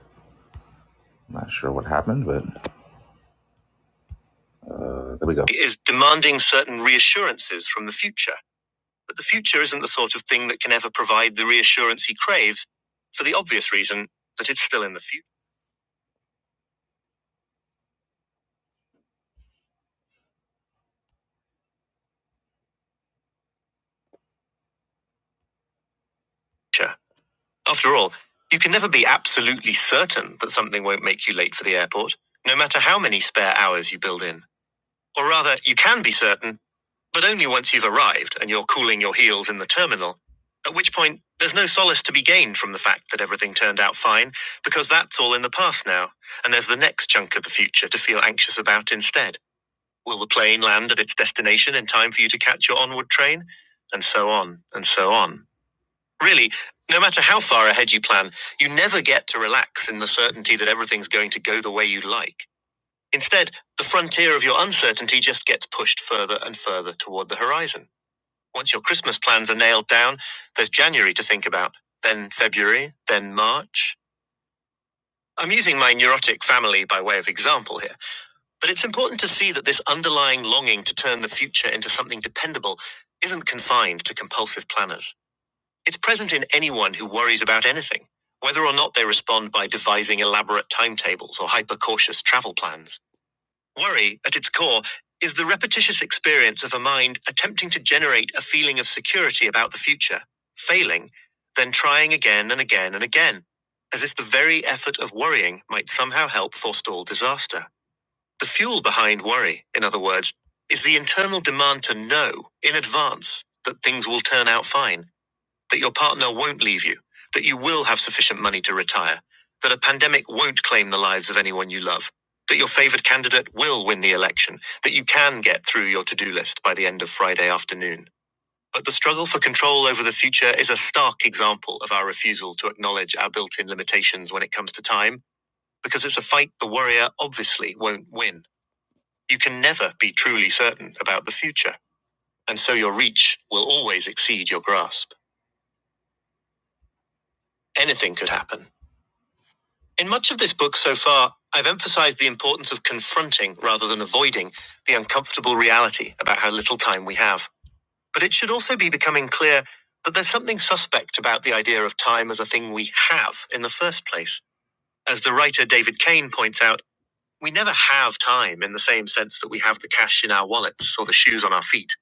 I'm not sure what happened, but uh, there we go. Is demanding certain reassurances from the future. But the future isn't the sort of thing that can ever provide the reassurance he craves for the obvious reason that it's still in the future. After all, you can never be absolutely certain that something won't make you late for the airport, no matter how many spare hours you build in. Or rather, you can be certain, but only once you've arrived and you're cooling your heels in the terminal, at which point there's no solace to be gained from the fact that everything turned out fine, because that's all in the past now, and there's the next chunk of the future to feel anxious about instead. Will the plane land at its destination in time for you to catch your onward train? And so on, and so on. Really, no matter how far ahead you plan, you never get to relax in the certainty that everything's going to go the way you like. Instead, the frontier of your uncertainty just gets pushed further and further toward the horizon. Once your Christmas plans are nailed down, there's January to think about, then February, then March. I'm using my neurotic family by way of example here, but it's important to see that this underlying longing to turn the future into something dependable isn't confined to compulsive planners. It's present in anyone who worries about anything, whether or not they respond by devising elaborate timetables or hyper cautious travel plans. Worry, at its core, is the repetitious experience of a mind attempting to generate a feeling of security about the future, failing, then trying again and again and again, as if the very effort of worrying might somehow help forestall disaster. The fuel behind worry, in other words, is the internal demand to know in advance that things will turn out fine that your partner won't leave you, that you will have sufficient money to retire, that a pandemic won't claim the lives of anyone you love, that your favored candidate will win the election, that you can get through your to do list by the end of Friday afternoon. But the struggle for control over the future is a stark example of our refusal to acknowledge our built in limitations when it comes to time, because it's a fight the worrier obviously won't win. You can never be truly certain about the future, and so your reach will always exceed your grasp. Anything could happen In much of this book so far, I've emphasized the importance of confronting rather than avoiding the uncomfortable reality about how little time we have. But it should also be becoming clear that there's something suspect about the idea of time as a thing we have in the first place. As the writer David Kane points out, we never have time in the same sense that we have the cash in our wallets or the shoes on our feet.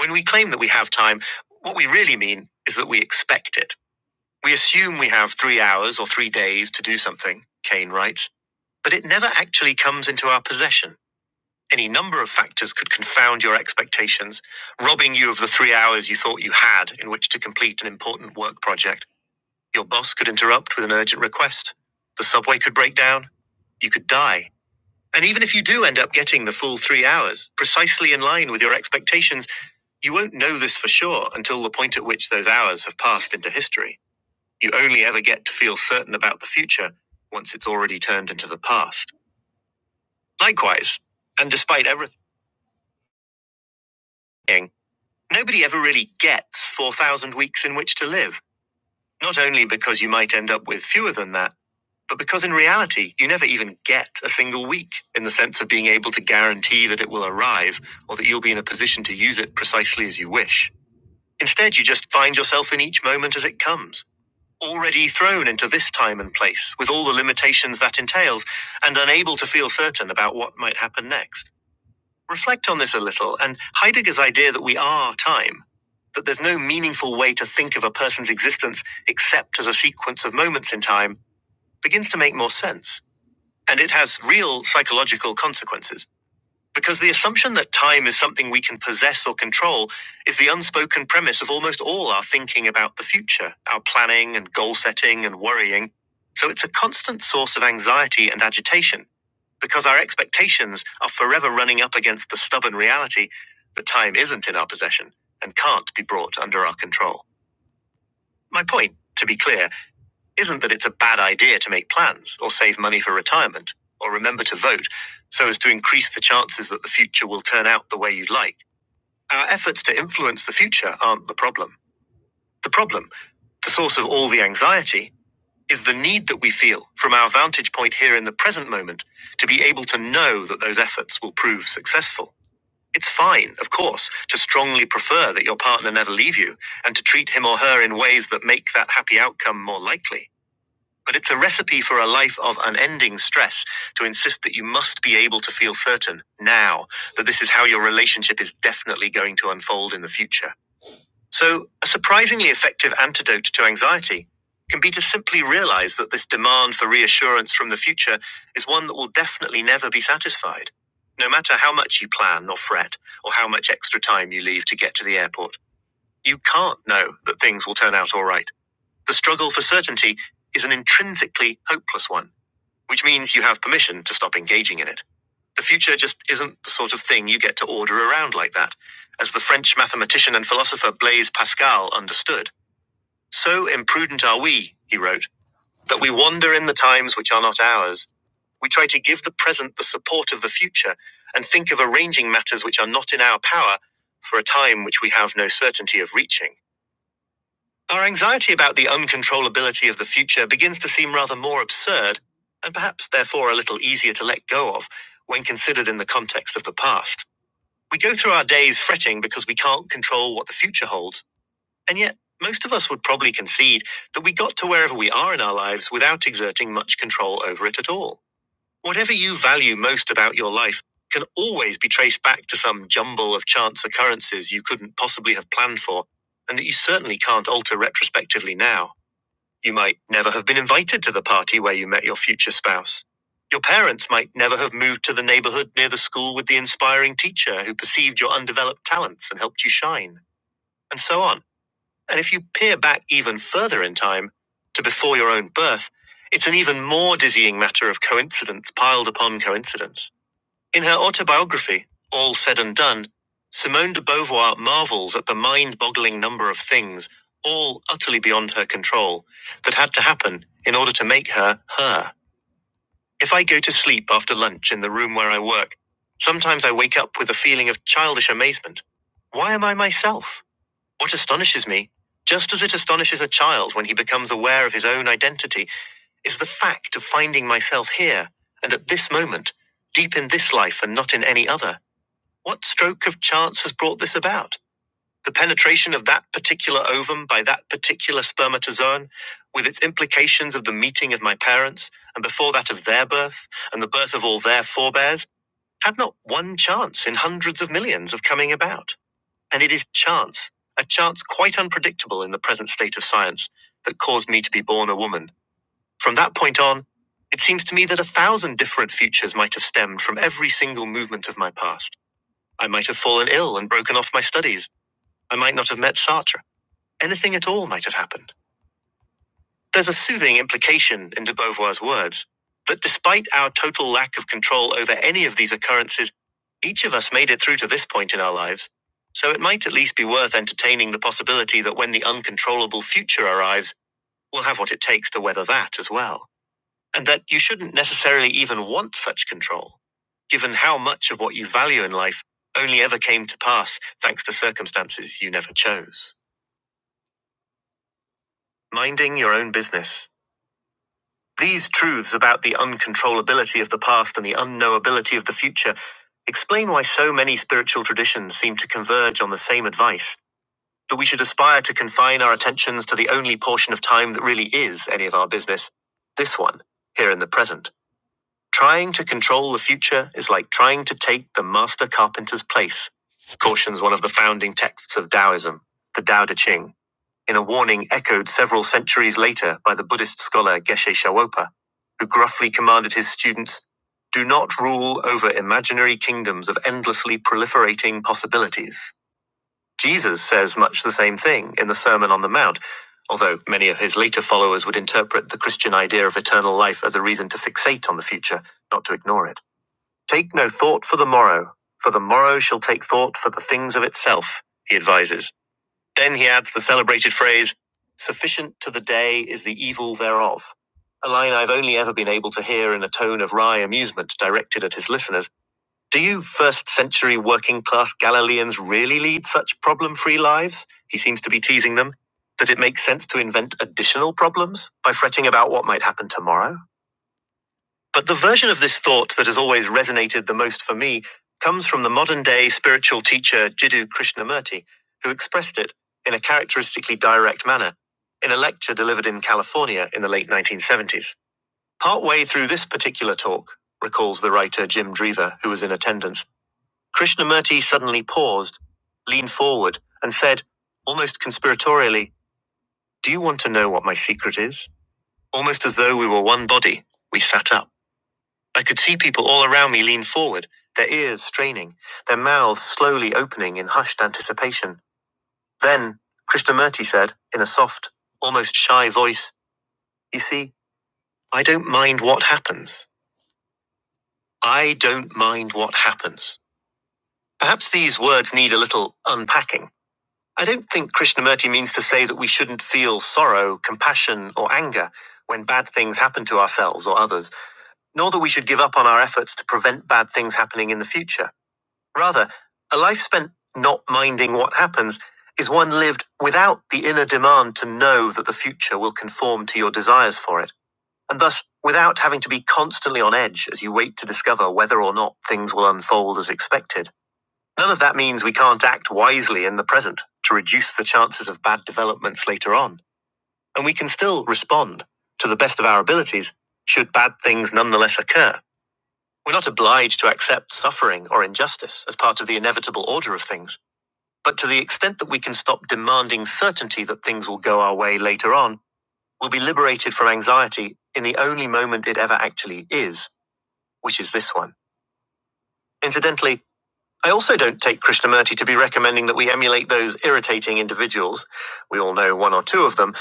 When we claim that we have time, what we really mean is that we expect it. We assume we have three hours or three days to do something, Kane writes but it never actually comes into our possession. Any number of factors could confound your expectations, robbing you of the three hours you thought you had in which to complete an important work project. Your boss could interrupt with an urgent request. The subway could break down. You could die. And even if you do end up getting the full three hours, precisely in line with your expectations, you won't know this for sure until the point at which those hours have passed into history. You only ever get to feel certain about the future once it's already turned into the past. Likewise, and despite everything, nobody ever really gets 4,000 weeks in which to live. Not only because you might end up with fewer than that, but because in reality, you never even get a single week in the sense of being able to guarantee that it will arrive or that you'll be in a position to use it precisely as you wish. Instead, you just find yourself in each moment as it comes, already thrown into this time and place with all the limitations that entails and unable to feel certain about what might happen next. Reflect on this a little and Heidegger's idea that we are time, that there's no meaningful way to think of a person's existence except as a sequence of moments in time, begins to make more sense. And it has real psychological consequences. Because the assumption that time is something we can possess or control is the unspoken premise of almost all our thinking about the future, our planning and goal setting and worrying. So it's a constant source of anxiety and agitation because our expectations are forever running up against the stubborn reality that time isn't in our possession and can't be brought under our control. My point, to be clear, isn't that it's a bad idea to make plans or save money for retirement or remember to vote so as to increase the chances that the future will turn out the way you'd like. Our efforts to influence the future aren't the problem. The problem, the source of all the anxiety, is the need that we feel from our vantage point here in the present moment to be able to know that those efforts will prove successful. It's fine, of course, to strongly prefer that your partner never leave you and to treat him or her in ways that make that happy outcome more likely. But it's a recipe for a life of unending stress to insist that you must be able to feel certain now that this is how your relationship is definitely going to unfold in the future. So, a surprisingly effective antidote to anxiety can be to simply realize that this demand for reassurance from the future is one that will definitely never be satisfied, no matter how much you plan or fret or how much extra time you leave to get to the airport. You can't know that things will turn out all right. The struggle for certainty is an intrinsically hopeless one, which means you have permission to stop engaging in it. The future just isn't the sort of thing you get to order around like that. As the French mathematician and philosopher Blaise Pascal understood, so imprudent are we, he wrote, that we wander in the times which are not ours. We try to give the present the support of the future and think of arranging matters which are not in our power for a time which we have no certainty of reaching. Our anxiety about the uncontrollability of the future begins to seem rather more absurd, and perhaps therefore a little easier to let go of, when considered in the context of the past. We go through our days fretting because we can't control what the future holds, and yet most of us would probably concede that we got to wherever we are in our lives without exerting much control over it at all. Whatever you value most about your life can always be traced back to some jumble of chance occurrences you couldn't possibly have planned for, and that you certainly can't alter retrospectively now. You might never have been invited to the party where you met your future spouse. Your parents might never have moved to the neighborhood near the school with the inspiring teacher who perceived your undeveloped talents and helped you shine, and so on. And if you peer back even further in time, to before your own birth, it's an even more dizzying matter of coincidence piled upon coincidence. In her autobiography, All Said and Done, Simone de Beauvoir marvels at the mind boggling number of things, all utterly beyond her control, that had to happen in order to make her her. If I go to sleep after lunch in the room where I work, sometimes I wake up with a feeling of childish amazement. Why am I myself? What astonishes me, just as it astonishes a child when he becomes aware of his own identity, is the fact of finding myself here, and at this moment, deep in this life and not in any other. What stroke of chance has brought this about? The penetration of that particular ovum by that particular spermatozoon, with its implications of the meeting of my parents, and before that of their birth, and the birth of all their forebears, had not one chance in hundreds of millions of coming about. And it is chance, a chance quite unpredictable in the present state of science, that caused me to be born a woman. From that point on, it seems to me that a thousand different futures might have stemmed from every single movement of my past. I might have fallen ill and broken off my studies. I might not have met Sartre. Anything at all might have happened. There's a soothing implication in de Beauvoir's words that despite our total lack of control over any of these occurrences, each of us made it through to this point in our lives. So it might at least be worth entertaining the possibility that when the uncontrollable future arrives, we'll have what it takes to weather that as well. And that you shouldn't necessarily even want such control, given how much of what you value in life only ever came to pass thanks to circumstances you never chose. Minding your own business. These truths about the uncontrollability of the past and the unknowability of the future explain why so many spiritual traditions seem to converge on the same advice that we should aspire to confine our attentions to the only portion of time that really is any of our business this one, here in the present. Trying to control the future is like trying to take the master carpenter's place, cautions one of the founding texts of Taoism, the Tao Te Ching in a warning echoed several centuries later by the Buddhist scholar Geshe Shawopa, who gruffly commanded his students do not rule over imaginary kingdoms of endlessly proliferating possibilities. Jesus says much the same thing in the Sermon on the Mount, although many of his later followers would interpret the Christian idea of eternal life as a reason to fixate on the future, not to ignore it. Take no thought for the morrow, for the morrow shall take thought for the things of itself, he advises then he adds the celebrated phrase, Sufficient to the day is the evil thereof, a line I've only ever been able to hear in a tone of wry amusement directed at his listeners. Do you first century working class Galileans really lead such problem free lives? He seems to be teasing them. That it makes sense to invent additional problems by fretting about what might happen tomorrow? But the version of this thought that has always resonated the most for me comes from the modern day spiritual teacher Jiddu Krishnamurti, who expressed it in a characteristically direct manner in a lecture delivered in California in the late 1970s. Partway through this particular talk, recalls the writer Jim Drever, who was in attendance, Krishnamurti suddenly paused, leaned forward, and said, almost conspiratorially, Do you want to know what my secret is? Almost as though we were one body, we sat up. I could see people all around me lean forward, their ears straining, their mouths slowly opening in hushed anticipation. Then, Krishnamurti said, in a soft, almost shy voice, You see, I don't mind what happens. I don't mind what happens. Perhaps these words need a little unpacking. I don't think Krishnamurti means to say that we shouldn't feel sorrow, compassion, or anger when bad things happen to ourselves or others, nor that we should give up on our efforts to prevent bad things happening in the future. Rather, a life spent not minding what happens is one lived without the inner demand to know that the future will conform to your desires for it, and thus without having to be constantly on edge as you wait to discover whether or not things will unfold as expected. None of that means we can't act wisely in the present to reduce the chances of bad developments later on, and we can still respond to the best of our abilities should bad things nonetheless occur. We're not obliged to accept suffering or injustice as part of the inevitable order of things. But to the extent that we can stop demanding certainty that things will go our way later on, we'll be liberated from anxiety in the only moment it ever actually is, which is this one. Incidentally, I also don't take Krishnamurti to be recommending that we emulate those irritating individuals, we all know one or two of them,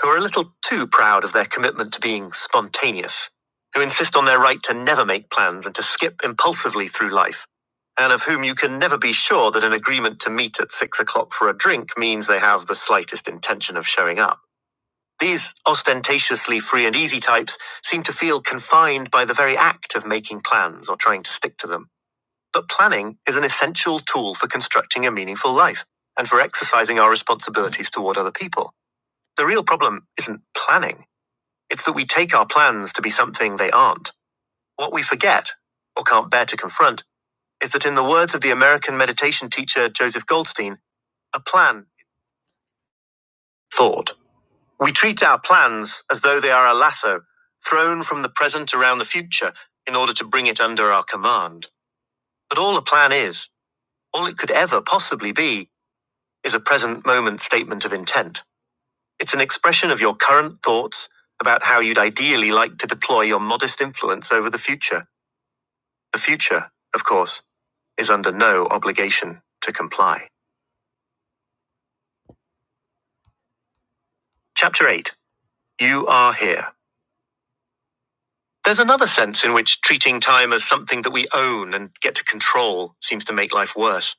who are a little too proud of their commitment to being spontaneous, who insist on their right to never make plans and to skip impulsively through life, and of whom you can never be sure that an agreement to meet at six o'clock for a drink means they have the slightest intention of showing up. These ostentatiously free and easy types seem to feel confined by the very act of making plans or trying to stick to them. But planning is an essential tool for constructing a meaningful life and for exercising our responsibilities toward other people. The real problem isn't planning, it's that we take our plans to be something they aren't. What we forget, or can't bear to confront, is that in the words of the American meditation teacher Joseph Goldstein, a plan is thought. We treat our plans as though they are a lasso thrown from the present around the future in order to bring it under our command. But all a plan is, all it could ever possibly be, is a present moment statement of intent. It's an expression of your current thoughts about how you'd ideally like to deploy your modest influence over the future. The future, of course, is under no obligation to comply. Chapter 8 You Are Here. There's another sense in which treating time as something that we own and get to control seems to make life worse.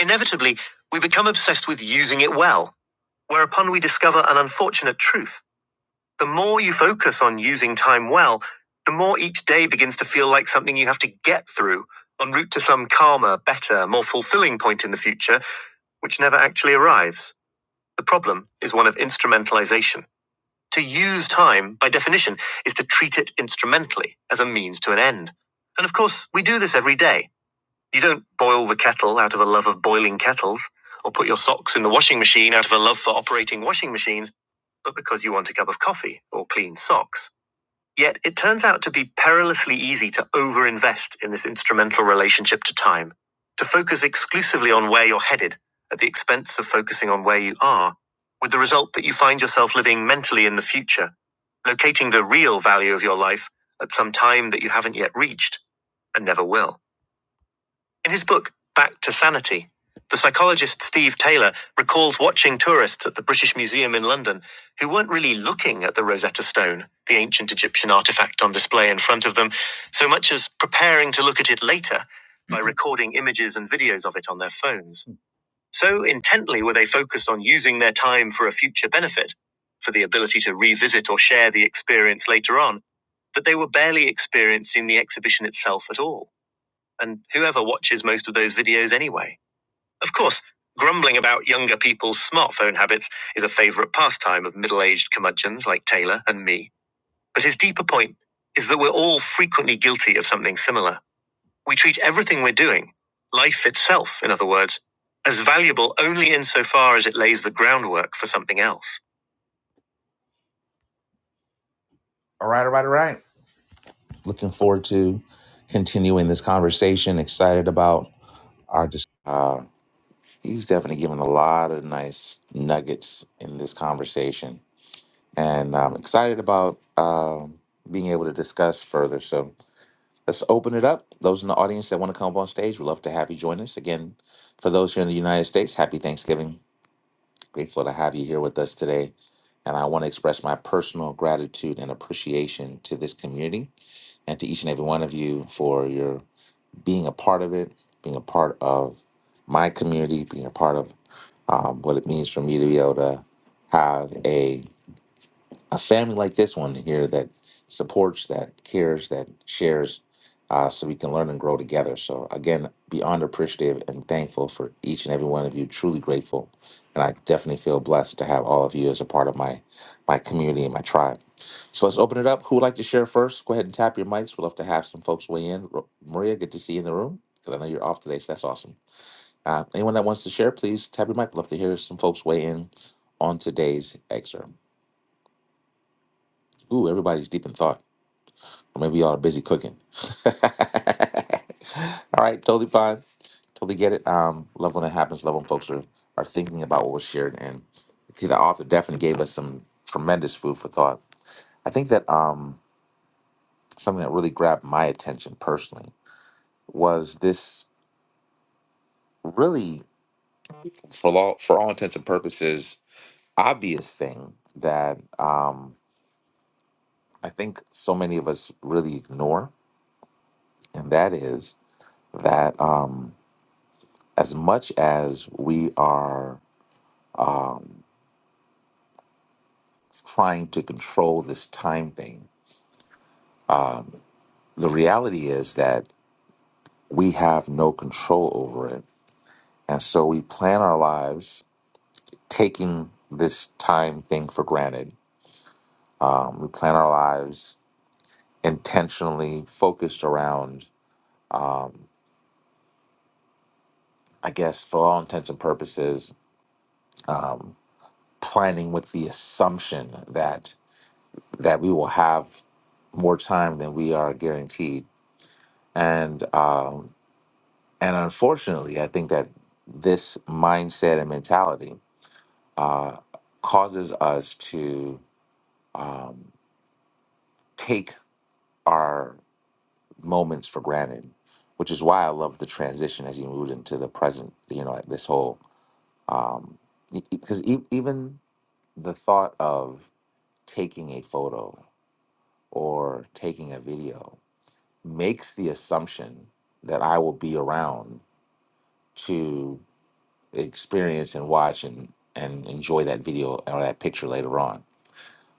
Inevitably, we become obsessed with using it well, whereupon we discover an unfortunate truth. The more you focus on using time well, the more each day begins to feel like something you have to get through, en route to some calmer, better, more fulfilling point in the future, which never actually arrives. The problem is one of instrumentalization. To use time, by definition, is to treat it instrumentally, as a means to an end. And of course, we do this every day. You don't boil the kettle out of a love of boiling kettles, or put your socks in the washing machine out of a love for operating washing machines, but because you want a cup of coffee or clean socks. Yet it turns out to be perilously easy to overinvest in this instrumental relationship to time, to focus exclusively on where you're headed at the expense of focusing on where you are, with the result that you find yourself living mentally in the future, locating the real value of your life at some time that you haven't yet reached and never will. In his book, Back to Sanity, the psychologist Steve Taylor recalls watching tourists at the British Museum in London who weren't really looking at the Rosetta Stone, the ancient Egyptian artifact on display in front of them, so much as preparing to look at it later by recording images and videos of it on their phones. So intently were they focused on using their time for a future benefit, for the ability to revisit or share the experience later on, that they were barely experiencing the exhibition itself at all. And whoever watches most of those videos anyway? Of course, grumbling about younger people's smartphone habits is a favorite pastime of middle aged curmudgeons like Taylor and me. But his deeper point is that we're all frequently guilty of something similar. We treat everything we're doing, life itself, in other words, as valuable only insofar as it lays the groundwork for something else. All right, all right, all right. Looking forward to continuing this conversation. Excited about our discussion. He's definitely given a lot of nice nuggets in this conversation, and I'm excited about um, being able to discuss further. So let's open it up. Those in the audience that want to come up on stage, we'd love to have you join us again. For those here in the United States, happy Thanksgiving. Grateful to have you here with us today. And I want to express my personal gratitude and appreciation to this community and to each and every one of you for your being a part of it, being a part of my community, being a part of um, what it means for me to be able to have a a family like this one here that supports, that cares, that shares, uh, so we can learn and grow together. So again, beyond appreciative and thankful for each and every one of you. Truly grateful, and I definitely feel blessed to have all of you as a part of my my community and my tribe. So let's open it up. Who would like to share first? Go ahead and tap your mics. We'd love to have some folks weigh in. Ro- Maria, good to see you in the room because I know you're off today, so that's awesome. Uh, anyone that wants to share, please tap your mic. Love to hear some folks weigh in on today's excerpt. Ooh, everybody's deep in thought. Or maybe y'all are busy cooking. All right, totally fine. Totally get it. Um, love when it happens. Love when folks are, are thinking about what was shared. And see, the author definitely gave us some tremendous food for thought. I think that um, something that really grabbed my attention personally was this really, for all, for all intents and purposes, obvious thing that. Um, I think so many of us really ignore, and that is that um, as much as we are um, trying to control this time thing, the reality is that we have no control over it. And so we plan our lives taking this time thing for granted. Um, we plan our lives intentionally focused around, um, I guess, for all intents and purposes, um, planning with the assumption that that we will have more time than we are guaranteed and um and unfortunately i think that this mindset and mentality uh causes us to um take our moments for granted which is why i love the transition as you moved into the present you know like this whole um because e- e- 'cause e- even the thought of taking a photo or taking a video makes the assumption that I will be around to experience and watch and, and enjoy that video or that picture later on.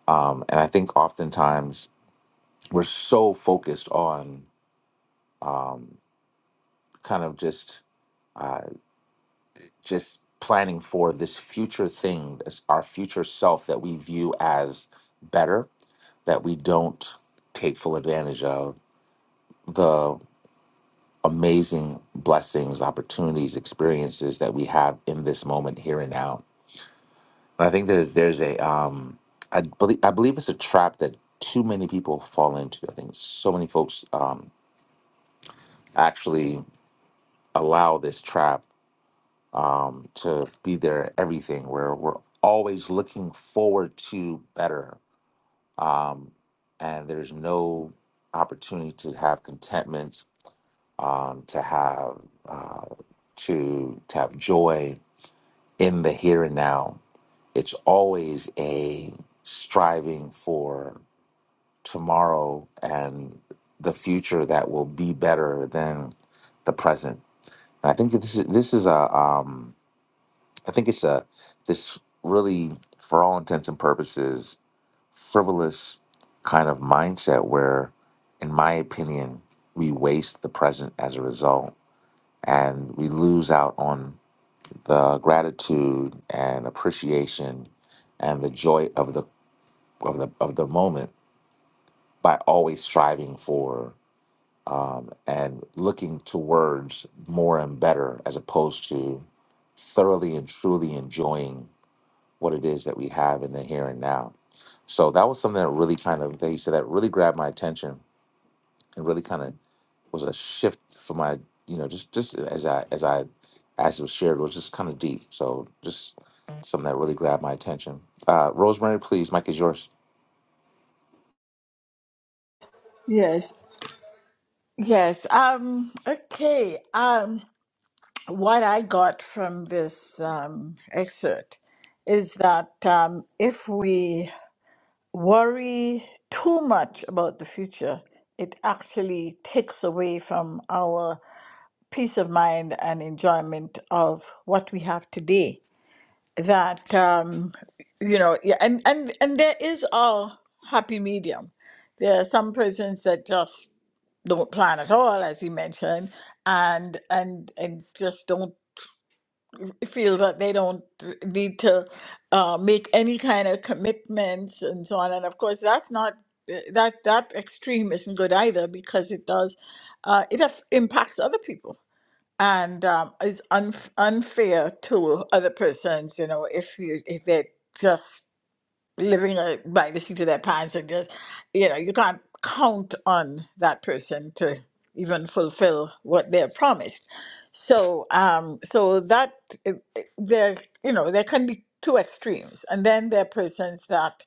Um, and I think oftentimes we're so focused on um, kind of just uh, just planning for this future thing, this, our future self that we view as better, that we don't take full advantage of. the. amazing blessings, opportunities, experiences that we have in this moment here and now. And I think there's there's a um I believe I believe it's a trap that too many people fall into. I think so many folks um actually allow this trap um to be their everything where we're always looking forward to better. Um and there's no opportunity to have contentment, um, to have uh, to to have joy, in the here and now. It's always a striving for tomorrow and the future that will be better than the present. And I think that this is this is a um, I think it's a this really for all intents and purposes frivolous kind of mindset where, in my opinion, we waste the present as a result and we lose out on the gratitude and appreciation and the joy of the of the of the moment by always striving for um, and looking towards more and better as opposed to thoroughly and truly enjoying what it is that we have in the here and now. So that was something that really kind of they said that really grabbed my attention it really kind of was a shift for my, you know, just just as I as I as it was shared it was just kind of deep. So just something that really grabbed my attention. Uh, Rosemary, please, Mike is yours. Yes. Yes. Um, okay. Um, what I got from this um, excerpt is that um, if we worry too much about the future, it actually takes away from our peace of mind and enjoyment of what we have today. That um, you know, yeah, and and and there is our happy medium. There are some persons that just don't plan at all, as you mentioned, and and and just don't feel that they don't need to uh, make any kind of commitments and so on. And of course, that's not that that extreme isn't good either because it does uh, it aff- impacts other people and um, is un- unfair to other persons. You know, if you if they just living uh, by the seat of their pants and just you know you can't count on that person to even fulfill what they're promised so um so that uh, uh, there you know there can be two extremes and then there are persons that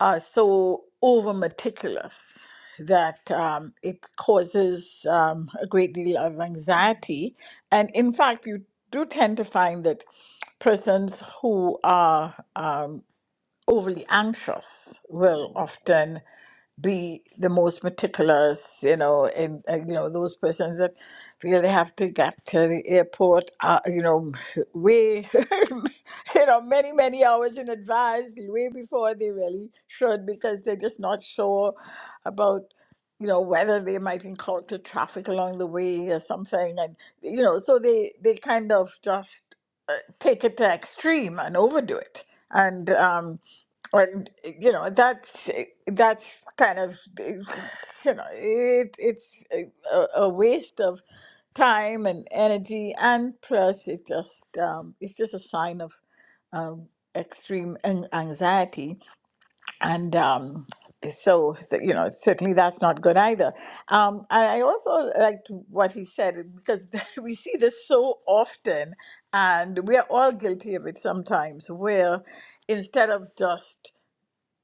are so over meticulous that um, it causes um, a great deal of anxiety and in fact you do tend to find that persons who are um, overly anxious will often be the most meticulous, you know, and uh, you know those persons that feel they have to get to the airport, uh, you know, way, you know, many many hours in advance, way before they really should, because they're just not sure about. You know whether they might encounter traffic along the way or something, and you know, so they they kind of just uh, take it to extreme and overdo it, and um, and eh, you know that's eh, that's kind of eh, you know it it's eh, a, a waste of time and energy and plus it just um, it's just a sign of um, extreme an- anxiety and um, so th- you know certainly that's not good either. Um, and I also liked what he said eh, because we see this so often and we are all guilty of it sometimes where instead of just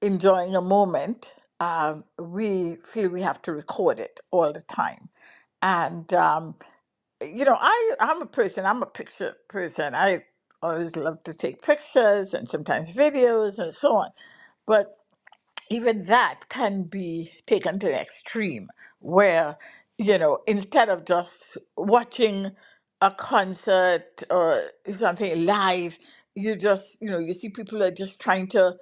enjoying a moment, um, we feel we have to record it all the time. And um, you know, I I'm a person. I'm a picture person. I always love to take pictures and sometimes videos and so on. But even that can be taken to an extreme where you know instead of just watching a concert or something live you just you know you see people are just trying to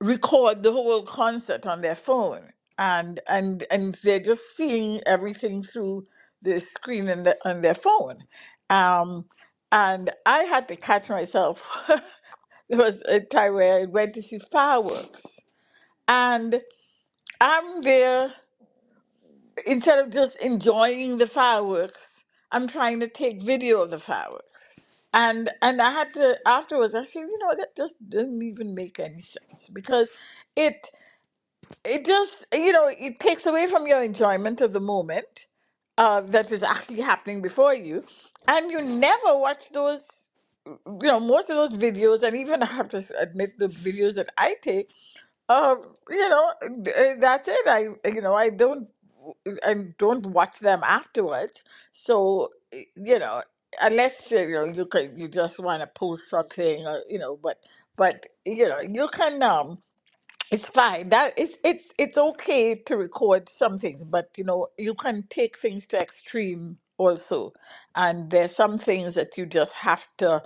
record the whole concert on their phone and and and they're just seeing everything through the screen and the, on their phone um and i had to catch myself there was a time where i went to see fireworks and I'm there instead of just enjoying the fireworks. I'm trying to take video of the fireworks, and and I had to afterwards. I said, you know, that just doesn't even make any sense because it it just you know it takes away from your enjoyment of the moment uh, that is actually happening before you, and you never watch those. You know, most of those videos, and even I have to s- admit, the videos that I take um, you know, d- uh, that's it. I, eh, you know, I don't, I don't watch them afterwards. So, uh, you know, unless uh, you know you can, you just want to post something, or you know, but, but you know, you can. Um, it's fine. That it's it's it's okay to record some things, but you know, you can take things to extreme also, and there's some things that you just have to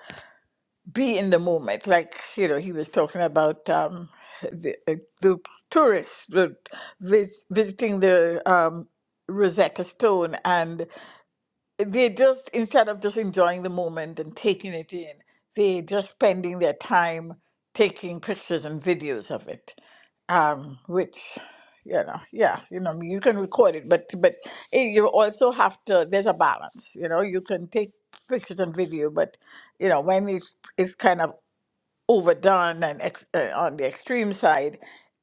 be in the moment. Like, you know, he was talking about um, the, uh, the tourists the, vis- visiting the um, Rosetta Stone, and they just, instead of just enjoying the moment and taking it in, they're just spending their time taking pictures and videos of it, um, which you know yeah you know you can record it but but eh, you also have to there's a balance you know you can take pictures and video but you know when it's it's kind of overdone and ex- uh, on the extreme side,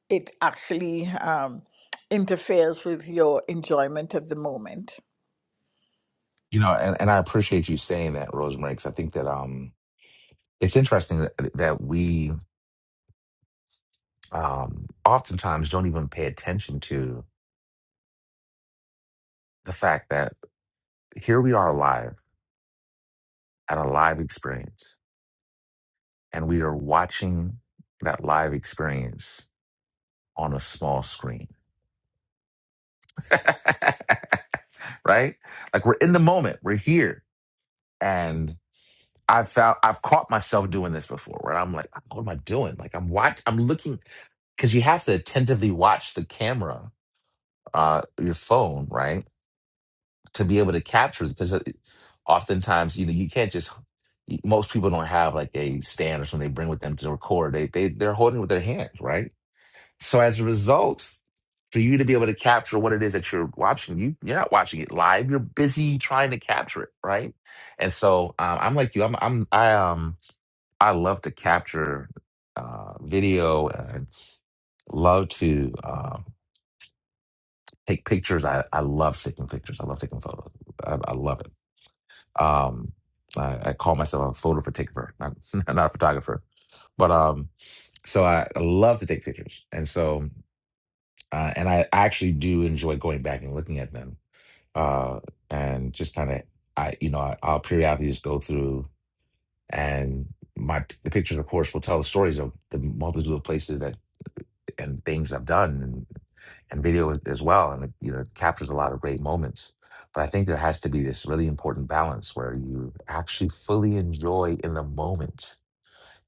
it actually um, interferes with your enjoyment of the moment. You know, and, and I appreciate you saying that, Rosemary, because I think that um it's interesting that, that we um oftentimes don't even pay attention to the fact that here we are alive at a live experience, and we are watching that live experience on a small screen. right? Like we're in the moment, we're here. And I've found I've caught myself doing this before where I'm like, what am I doing? Like I'm watch I'm looking because you have to attentively watch the camera, uh, your phone, right? To be able to capture it. because oftentimes, you know, you can't just most people don't have like a stand or something they bring with them to record. They they they're holding it with their hands, right? So as a result, for you to be able to capture what it is that you're watching you you're not watching it live you're busy trying to capture it right and so um, i'm like you i'm i'm i um i love to capture uh video and love to um take pictures i i love taking pictures i love taking photos i, I love it um I, I call myself a photo photographer not, not a photographer but um so I, I love to take pictures and so uh, and i actually do enjoy going back and looking at them uh, and just kind of, I you know, I, I'll periodically just go through, and my the pictures, of course, will tell the stories of the multitude of places that and things I've done, and, and video as as well, and it, you know, captures a lot of great moments. But I think there has to be this really important balance where you actually fully enjoy in the moment,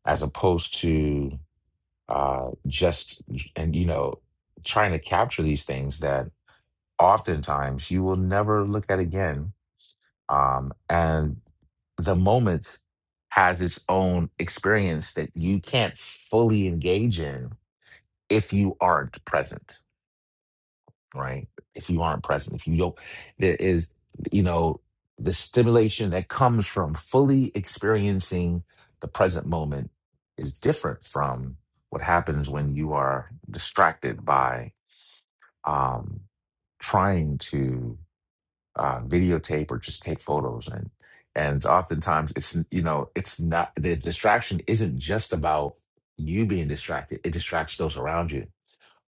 as opposed to uh, just and you know trying to capture these things that oftentimes you will never look at again um, and the moment has its own experience that you can't fully engage in if you aren't present right if you aren't present if you don't there is you know the stimulation that comes from fully experiencing the present moment is different from what happens when you are distracted by um, trying to uh, videotape or just take photos and and oftentimes it's you know it's not the distraction isn't just about you being distracted it distracts those around you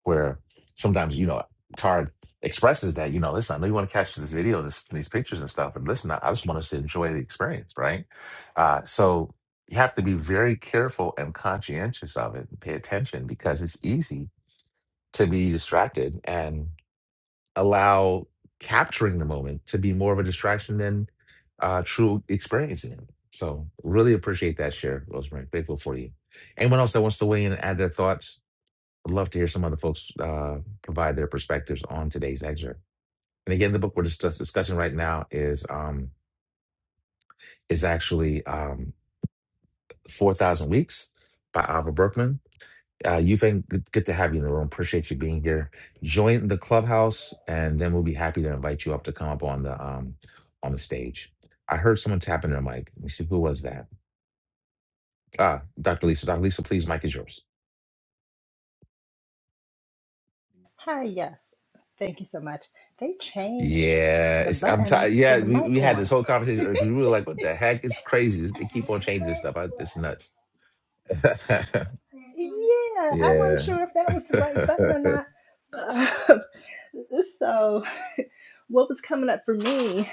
where sometimes you know Tard expresses that you know listen I know you want to catch this video this, these pictures and stuff and listen I, I just want us to enjoy the experience right uh, so you have to be very careful and conscientious of it and pay attention because it's easy to be distracted and allow capturing the moment to be more of a distraction than uh, true experiencing it. So really appreciate that share, Rosemary. Grateful for you. Anyone else that wants to weigh in and add their thoughts? I'd love to hear some other folks uh, provide their perspectives on today's excerpt. And again, the book we're just just discussing right now is um, is actually um, Four Thousand Weeks by Alva Berkman Uh, Yufeng, good, good to have you in the room. Appreciate you being here. Join the clubhouse, and then we'll be happy to invite you up to come up on the um on the stage. I heard someone tapping their mic. Let me see who was that. Ah, Dr. Lisa. Dr. Lisa, please, mic is yours. Hi, yes. Thank you so much. They changed Yeah, the it's I'm button tired. for Yeah, the we, mic we had this on. whole conversation because we were like, "What the heck? It's crazy. They keep on changing this stuff. I, it's nuts." Yeah, I wasn't yeah. sure if that was the right button or not. but- um, so, what was coming up for me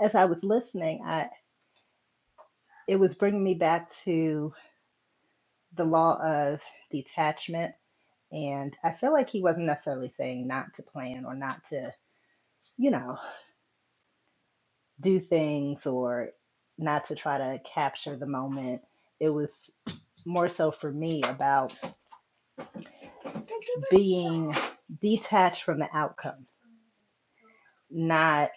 as I was listening, I it was bringing me back to the law of detachment, and I feel like he wasn't necessarily saying not to plan or not to, you know, do things or not to try to capture the moment. It was more so for me about being detached from the outcome, not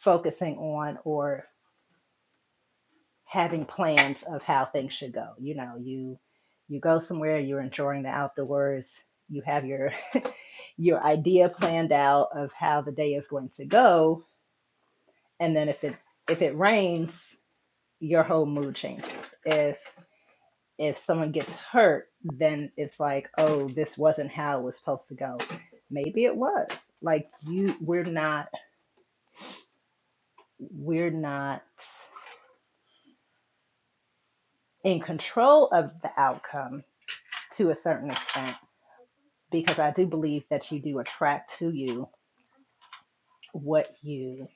focusing on or having plans of how things should go. You know, you you go somewhere, you're enjoying the outdoors, you have your your idea planned out of how the day is going to go, and then if it if it rains, your whole mood changes. If if someone gets hurt, then it's like, oh, this wasn't how it was supposed to go. Maybe it was. Like you we're not we're not in control of the outcome to a certain extent because I do believe that you do attract to you what you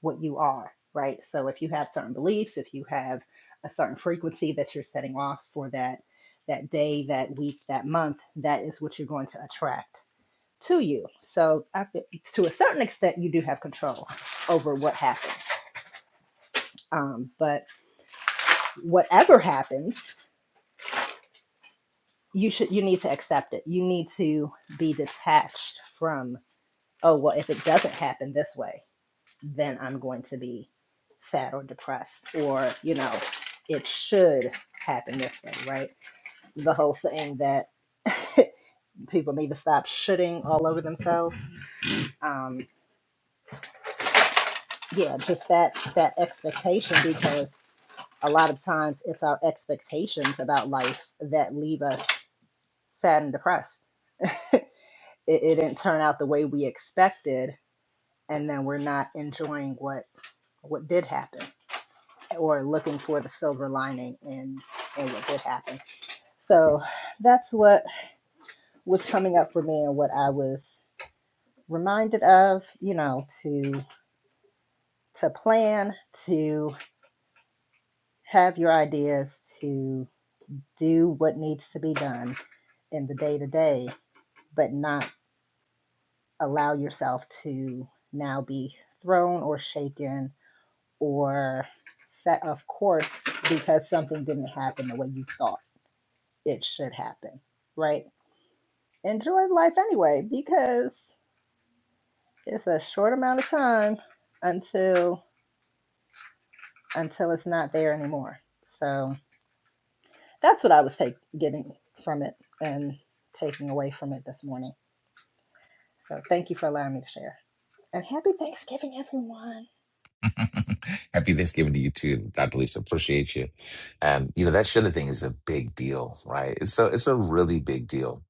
what you are, right? So if you have certain beliefs, if you have a certain frequency that you're setting off for that that day, that week, that month, that is what you're going to attract to you. So I, to a certain extent, you do have control over what happens. Um, but whatever happens, you should you need to accept it. You need to be detached from oh well, if it doesn't happen this way, then I'm going to be sad or depressed, or you know, it should happen this way, right? The whole saying that people need to stop shitting all over themselves. Um, yeah, just that that expectation because a lot of times it's our expectations about life that leave us sad and depressed. It, it didn't turn out the way we expected, and then we're not enjoying what what did happen or looking for the silver lining in in what did happen. So that's what was coming up for me and what I was reminded of, you know, to to plan, to have your ideas, to do what needs to be done in the day to day, but not allow yourself to now be thrown or shaken or set off course because something didn't happen the way you thought it should happen, right? Enjoy life anyway because it's a short amount of time until until it's not there anymore. So that's what I was take, getting from it and taking away from it this morning. So thank you for allowing me to share. And happy Thanksgiving, everyone. Happy Thanksgiving to you too, Dr. Lisa. Appreciate you. And you know that sugar thing is a big deal, right? It's a it's a really big deal.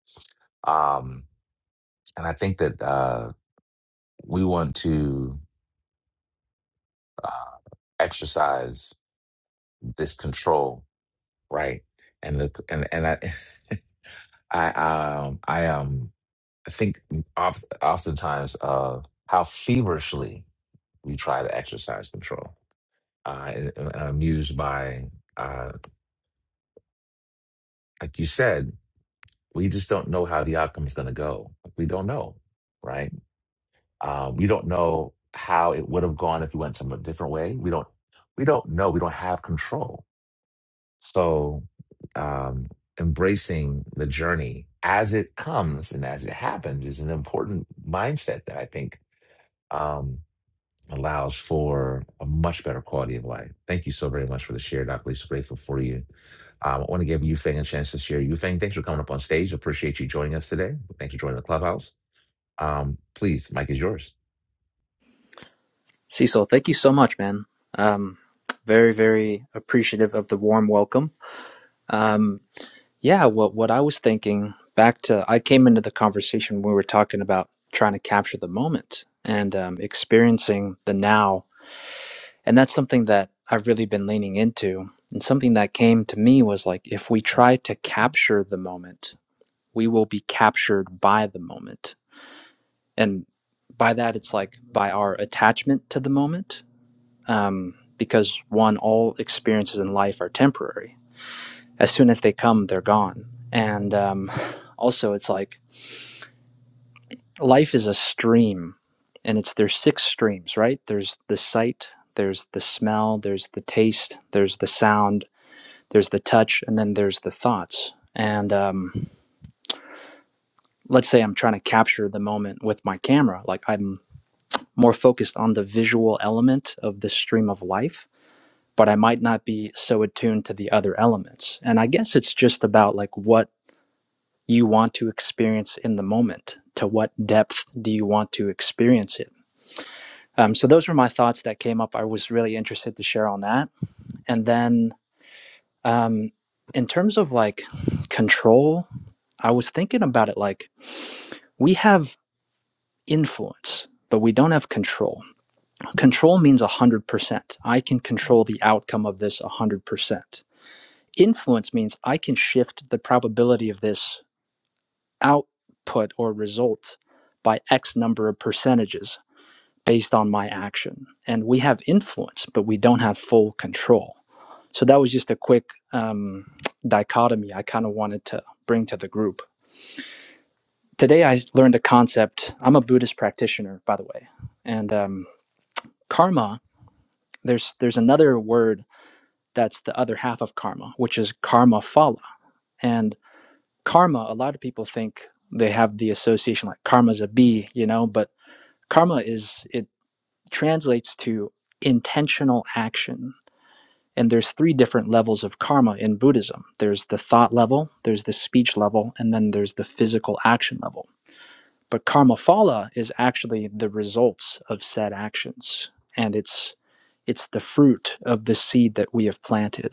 Um, and I think that uh, we want to uh, exercise this control, right? And the and and I I um I um I think oft, oftentimes uh how feverishly we try to exercise control. Uh, and, and I'm amused by uh, like you said. we just don't know how the outcome is going to go. We don't know, right? Uh, we don't know how it would have gone if we went some different way. We don't. We don't know. We don't have control. So, um, embracing the journey as it comes and as it happens is an important mindset that I think. Um, allows for a much better quality of life. Thank you so very much for the share, Dr. Lisa. Grateful for you. Um, I want to give Yufeng a chance to share. Yufeng, thanks for coming up on stage. Appreciate you joining us today. Thanks for joining the clubhouse. Um, please, Mike is yours. Cecil, thank you so much, man. Um, very, very appreciative of the warm welcome. Um, yeah, what what I was thinking back to, I came into the conversation when we were talking about trying to capture the moment and um, experiencing the now, and that's something that I've really been leaning into. And something that came to me was like, if we try to capture the moment, we will be captured by the moment, and by that it's like by our attachment to the moment um, because one, all experiences in life are temporary. As soon as they come, they're gone. And um, also, it's like life is a stream, and it's there's six streams, right? There's the sight, there's the smell, there's the taste, there's the sound, there's the touch, and then there's the thoughts. And um, let's say I'm trying to capture the moment with my camera, like I'm more focused on the visual element of the stream of life but I might not be so attuned to the other elements. And I guess it's just about like what you want to experience in the moment. To what depth do you want to experience it? Um, so those were my thoughts that came up. I was really interested to share on that. And then um, in terms of like control, I was thinking about it like we have influence. But we don't have control. Control means 100%. I can control the outcome of this 100%. influence means I can shift the probability of this output or result by X number of percentages based on my action. And we have influence, but we don't have full control. So that was just a quick um, dichotomy I kind of wanted to bring to the group. Today I learned a concept. I'm a Buddhist practitioner, by the way, and um, karma. There's there's another word that's the other half of karma, which is karma phala, and karma a lot of people think they have the association like karma's a bee you know but karma is it translates to intentional action and there's three different levels of karma in buddhism there's the thought level there's the speech level and then there's the physical action level but karma phala is actually the results of said actions and it's it's the fruit of the seed that we have planted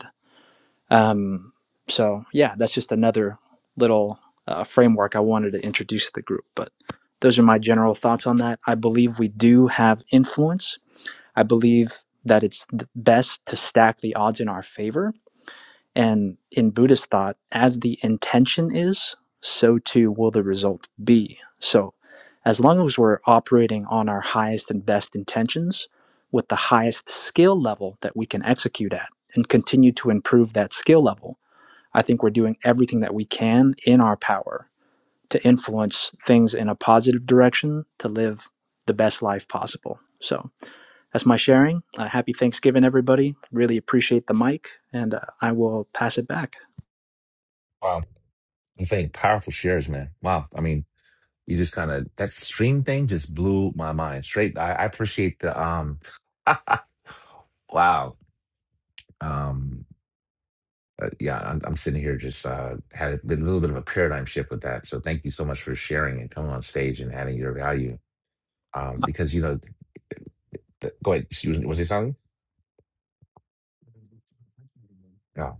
um, so yeah, that's just another little uh, framework I wanted to introduce to the group. But those are my general thoughts on that. I believe we do have influence. I believe that it's best to stack the odds in our favor. And in Buddhist thought, as the intention is, so too will the result be. So as long as we're operating on our highest and best intentions with the highest skill level that we can execute at and continue to improve that skill level, I think we're doing everything that we can in our power to influence things in a positive direction to live the best life possible. So that's my sharing. Uh, happy Thanksgiving, everybody. Really appreciate the mic, and uh, I will pass it back. Wow. Yufeng, powerful shares, man. Wow. I mean, you just kind of that stream thing just blew my mind straight. I, I appreciate the um wow. Um uh, yeah, I'm, I'm sitting here just uh, had a bit- little bit of a paradigm shift with that. So thank you so much for sharing and coming on stage and adding your value. Um, because you know, the, go ahead. Excuse me. Was it something? Yeah,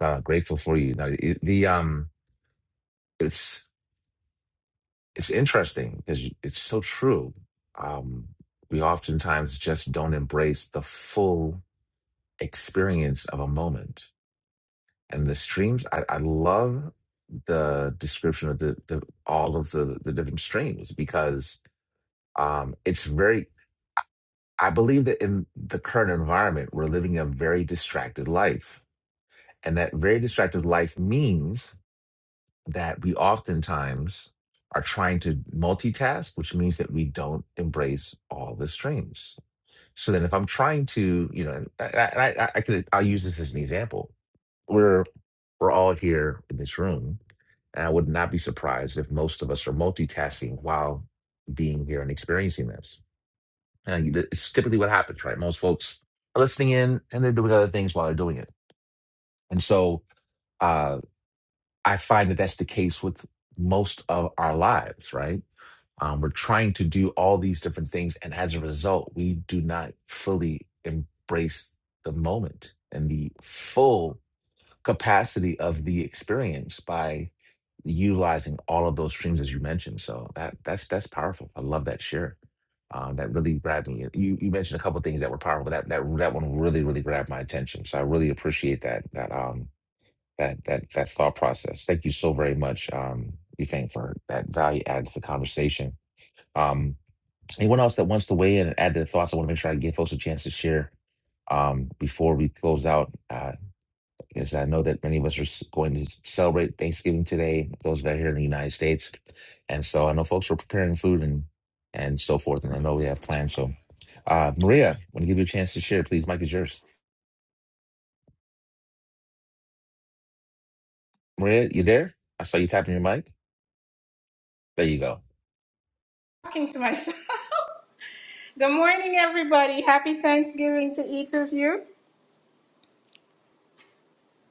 uh, grateful for you. Now it, the um, it's it's interesting because it's so true. Um, we oftentimes just don't embrace the full experience of a moment and the streams i, I love the description of the, the all of the the different streams because um it's very i believe that in the current environment we're living a very distracted life and that very distracted life means that we oftentimes are trying to multitask which means that we don't embrace all the streams so then, if I'm trying to, you know, I, I, I I could, I'll use this as an example. We're we're all here in this room, and I would not be surprised if most of us are multitasking while being here and experiencing this. And you- it's typically what happens, right? Most folks are listening in and they're doing other things while they're doing it. And so uh, I find that that's the case with most of our lives, right? Um, we're trying to do all these different things, and as a result, we do not fully embrace the moment and the full capacity of the experience by utilizing all of those streams as you mentioned. So that that's that's powerful. I love that share. Um, that really grabbed me. You you mentioned a couple of things that were powerful, but that that that one really really grabbed my attention. So I really appreciate that that um that that that thought process. Thank you so very much, um, Yufeng, for that value add to the conversation. Um, Anyone else that wants to weigh in and add their thoughts, I want to make sure I give folks a chance to share um, before we close out. Uh, because I know that many of us are s- going to s- celebrate Thanksgiving today, those that are here in the United States. And so I know folks are preparing food and and so forth. And I know we have plans. So, uh, Maria, want to give you a chance to share, please. Mike is yours. Maria, you there? I saw you tapping your mic. There you go. talking to myself. Good morning, everybody. Happy Thanksgiving to each of you.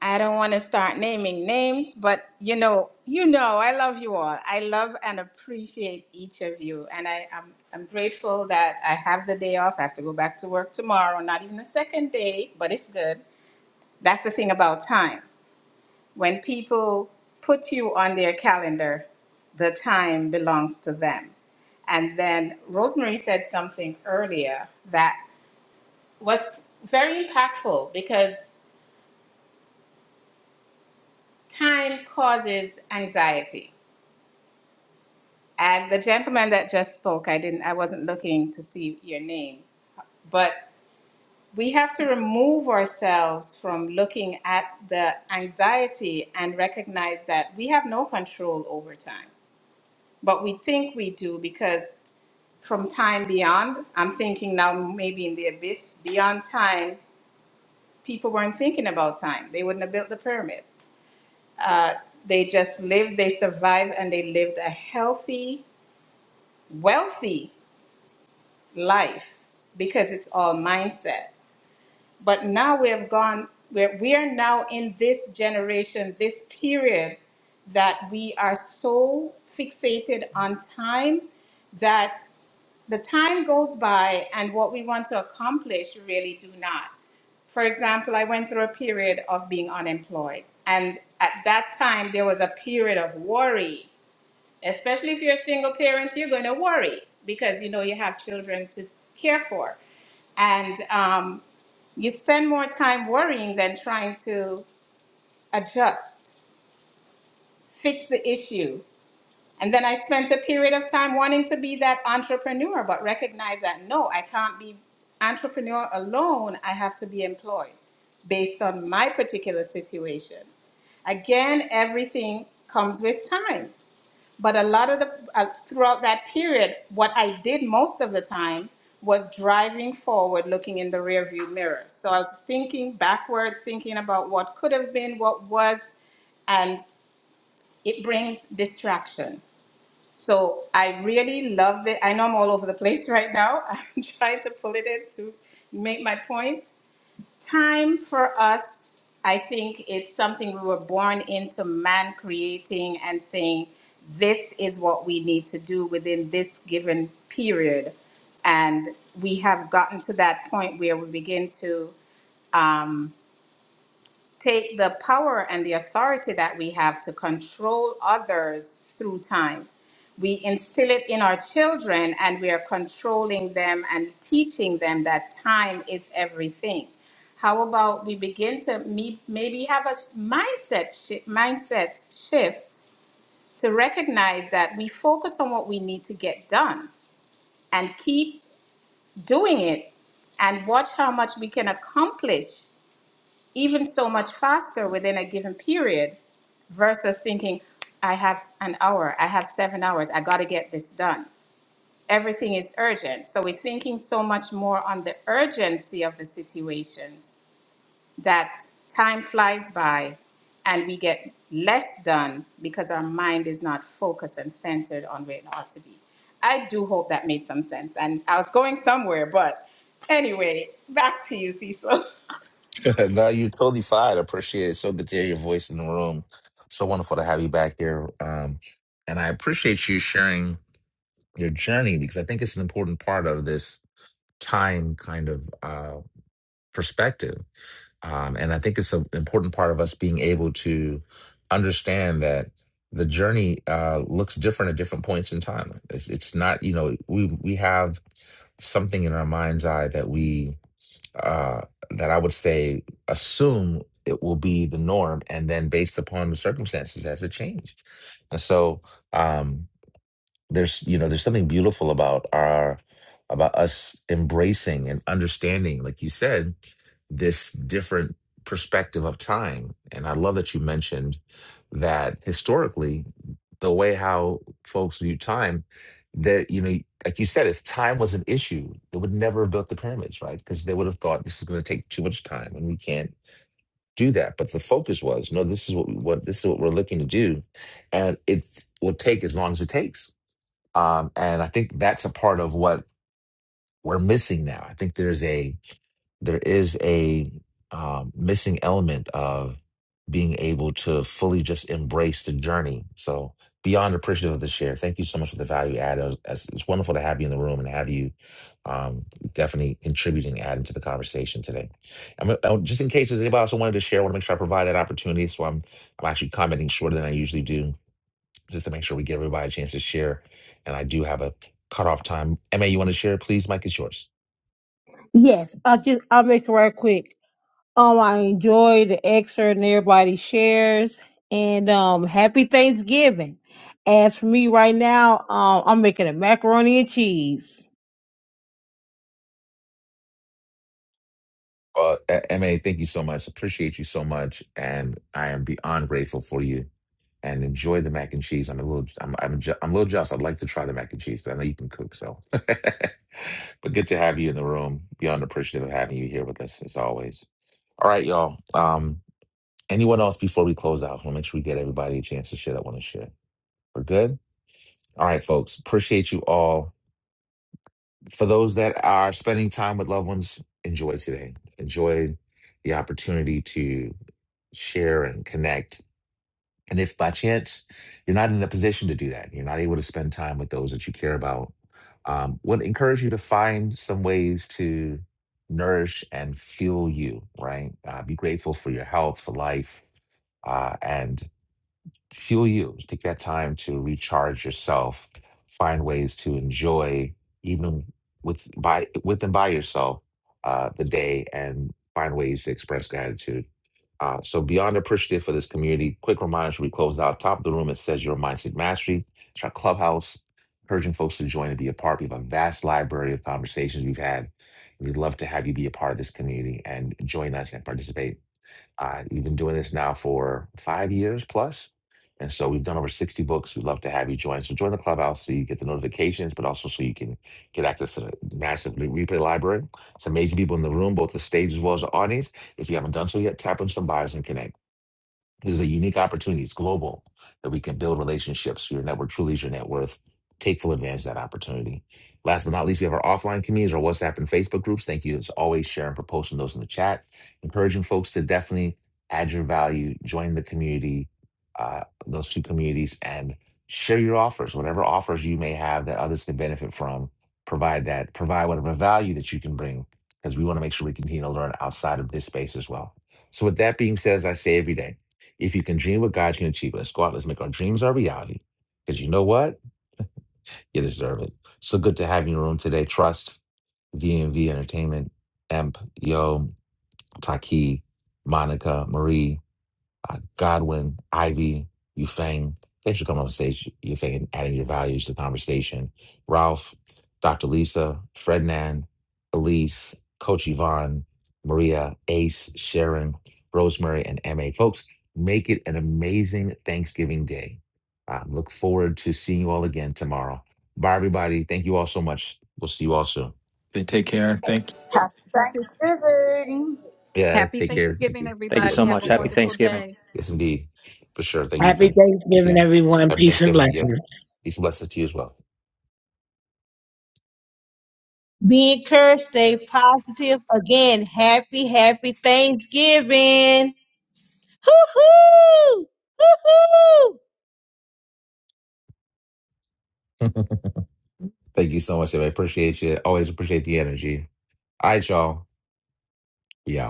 I don't want to start naming names, but you know, you know, I love you all. I love and appreciate each of you, and I am I'm, I'm grateful that I have the day off. I have to go back to work tomorrow. Not even the second day, but it's good. That's the thing about time. When people put you on their calendar, the time belongs to them. And then Rosemary said something earlier that was very impactful because time causes anxiety. And the gentleman that just spoke, I didn't I wasn't looking to see your name, but we have to remove ourselves from looking at the anxiety and recognize that we have no control over time. But we think we do because from time beyond, I'm thinking now maybe in the abyss, beyond time, people weren't thinking about time. They wouldn't have built the pyramid Uh, they just lived, they survived, and they lived a healthy, wealthy life because it's all mindset. But now we have gone, we're, we are now in this generation, this period that we are so fixated on time that the time goes by and what we want to accomplish, you really do not. For example, I went through a period of being unemployed. And at that time, there was a period of worry especially if you're a single parent you're going to worry because you know you have children to care for and um, you spend more time worrying than trying to adjust fix the issue and then i spent a period of time wanting to be that entrepreneur but recognize that no i can't be entrepreneur alone i have to be employed based on my particular situation again everything comes with time but a lot of the uh, throughout that period, what I did most of the time was driving forward, looking in the rearview mirror. So I was thinking backwards, thinking about what could have been, what was, and it brings distraction. So I really love it. I know I'm all over the place right now. I'm trying to pull it in to make my point, time for us, I think it's something we were born into man creating and saying, this is what we need to do within this given period. And we have gotten to that point where we begin to um, take the power and the authority that we have to control others through time. We instill it in our children and we are controlling them and teaching them that time is everything. How about we begin to me- maybe have a mindset shi mindset shift to recognize that we focus on what we need to get done and keep doing it and watch how much we can accomplish even so much faster within a given period versus thinking, I have an hour, I have seven hours, I got to get this done. Everything is urgent. So we're thinking so much more on the urgency of the situations that time flies by and we get less done because our mind is not focused and centered on where it ought to be. I do hope that made some sense. And I was going somewhere, but anyway, back to you, Cecil. no, you're totally fine. I appreciate it. So good to hear your voice in the room. So wonderful to have you back here. Um, and I appreciate you sharing. your journey because I think it's an important part of this time kind of uh, perspective. Um, and I think it's an important part of us being able to understand that the journey uh, looks different at different points in time. It's, it's not, you know, we we have something in our mind's eye that we uh, that I would say assume it will be the norm, and then based upon the circumstances, has it changed? And so, um, there's you know there's something beautiful about our about us embracing and understanding like you said this different perspective of time and i love that you mentioned that historically the way how folks view time that you know like you said if time was an issue they would never have built the pyramids right because they would have thought this is going to take too much time and we can't do that but the focus was no this is what we, what this is what we're looking to do and it will take as long as it takes um, and I think that's a part of what we're missing now. I think there's a there is a um, missing element of being able to fully just embrace the journey. So beyond appreciative of the share, thank you so much for the value add. It was- It's, it's wonderful to have you in the room and have you um, definitely contributing, adding to the conversation today. I'm, gonna- oh, just in case there's anybody else who wanted to share, I want to make sure I provide that opportunity. So I'm I'm actually commenting shorter than I usually do just to make sure we give everybody a chance to share. And I do have a cutoff time. MA, you want to share? Please, Mike is yours. Yes, I'll just I'll make it right quick. Um, I enjoyed the excerpt and everybody shares. And um, happy Thanksgiving. As for me right now, um, I'm making a macaroni and cheese. Uh, A- MA, thank you so much. Appreciate you so much, and I am beyond grateful for you. And enjoy the mac and cheese. I'm a little, I'm, I'm, ju- I'm a little jealous. I'd like to try the mac and cheese, but I know you can cook, so. but good to have you in the room. Beyond appreciative of having you here with us as always. All right, y'all. Um, anyone else before we close out? I want to make sure we get everybody a chance to share that want to share. We're good. All right, folks. Appreciate you all. for those that are spending time with loved ones, enjoy today. Enjoy the opportunity to share and connect. And if by chance you're not in a position to do that, you're not able to spend time with those that you care about, um, would encourage you to find some ways to nourish and fuel you, right? Uh, be grateful for your health, for life, uh, and fuel you. Take that time to recharge yourself. Find ways to enjoy, even with by with and by yourself, uh, the day, and find ways to express gratitude. Uh, so beyond appreciative for this community, quick reminder as we close out top of the room. It says your mindset mastery. It's our clubhouse, encouraging folks to join and be a part. We have a vast library of conversations we've had. We'd love to have you be a part of this community and join us and participate uh, we've been doing this now for five years plus, And so we've done over 60 books. We'd love to have you join. So join the clubhouse so you get the notifications, but also so you can get access to the massive re- replay library. It's amazing people in the room, both the stage as well as the audience. If you haven't done so yet, tap on some bios and connect. This is a unique opportunity. It's global that we can build relationships. Your network truly is your net worth. Take full advantage of that opportunity. Last but not least, we have our offline communities, our WhatsApp and Facebook groups. Thank you as always, sharing for posting those in the chat. Encouraging folks to definitely add your value, join the community, uh, those two communities, and share your offers, whatever offers you may have that others can benefit from. Provide that, provide whatever value that you can bring, because we want to make sure we continue to learn outside of this space as well. So, with that being said, as I say every day. If you can dream what God can achieve, let's go out. Let's make our dreams our reality. Because you know what? You deserve it. So good to have you in the room today. Trust, V and V Entertainment, Emp, Yo, Taki, Monica, Marie uh, Godwin, Ivy, Yufeng. Thanks for coming on stage, Yufeng, adding your values to the conversation. Ralph, Dr. Lisa, Frednan, Elise, Coach Yvonne, Maria, Ace, Sharon, Rosemary, and MA. Folks, make it an amazing Thanksgiving day. Um, look forward to seeing you all again tomorrow. Bye, everybody. Thank you all so much. We'll see you all soon. They take care. Thank you. Happy, Yeah, happy take care. Thank you. Thanksgiving, Thank Good you day everybody. so to Have you much. a as Happy well. wonderful Thanksgiving. day. Yes, indeed. For sure. Thank you, Happy Fay. Thank Thanksgiving, you. everyone. Happy Peace and Thanksgiving. Yeah. blessings. Peace and blessings to you as well. Be encouraged, stay positive. Again, happy, happy Thanksgiving. Hoo hoo! Hoo hoo! Thank you so much. I appreciate you. Always appreciate the energy. All right, y'all. We out.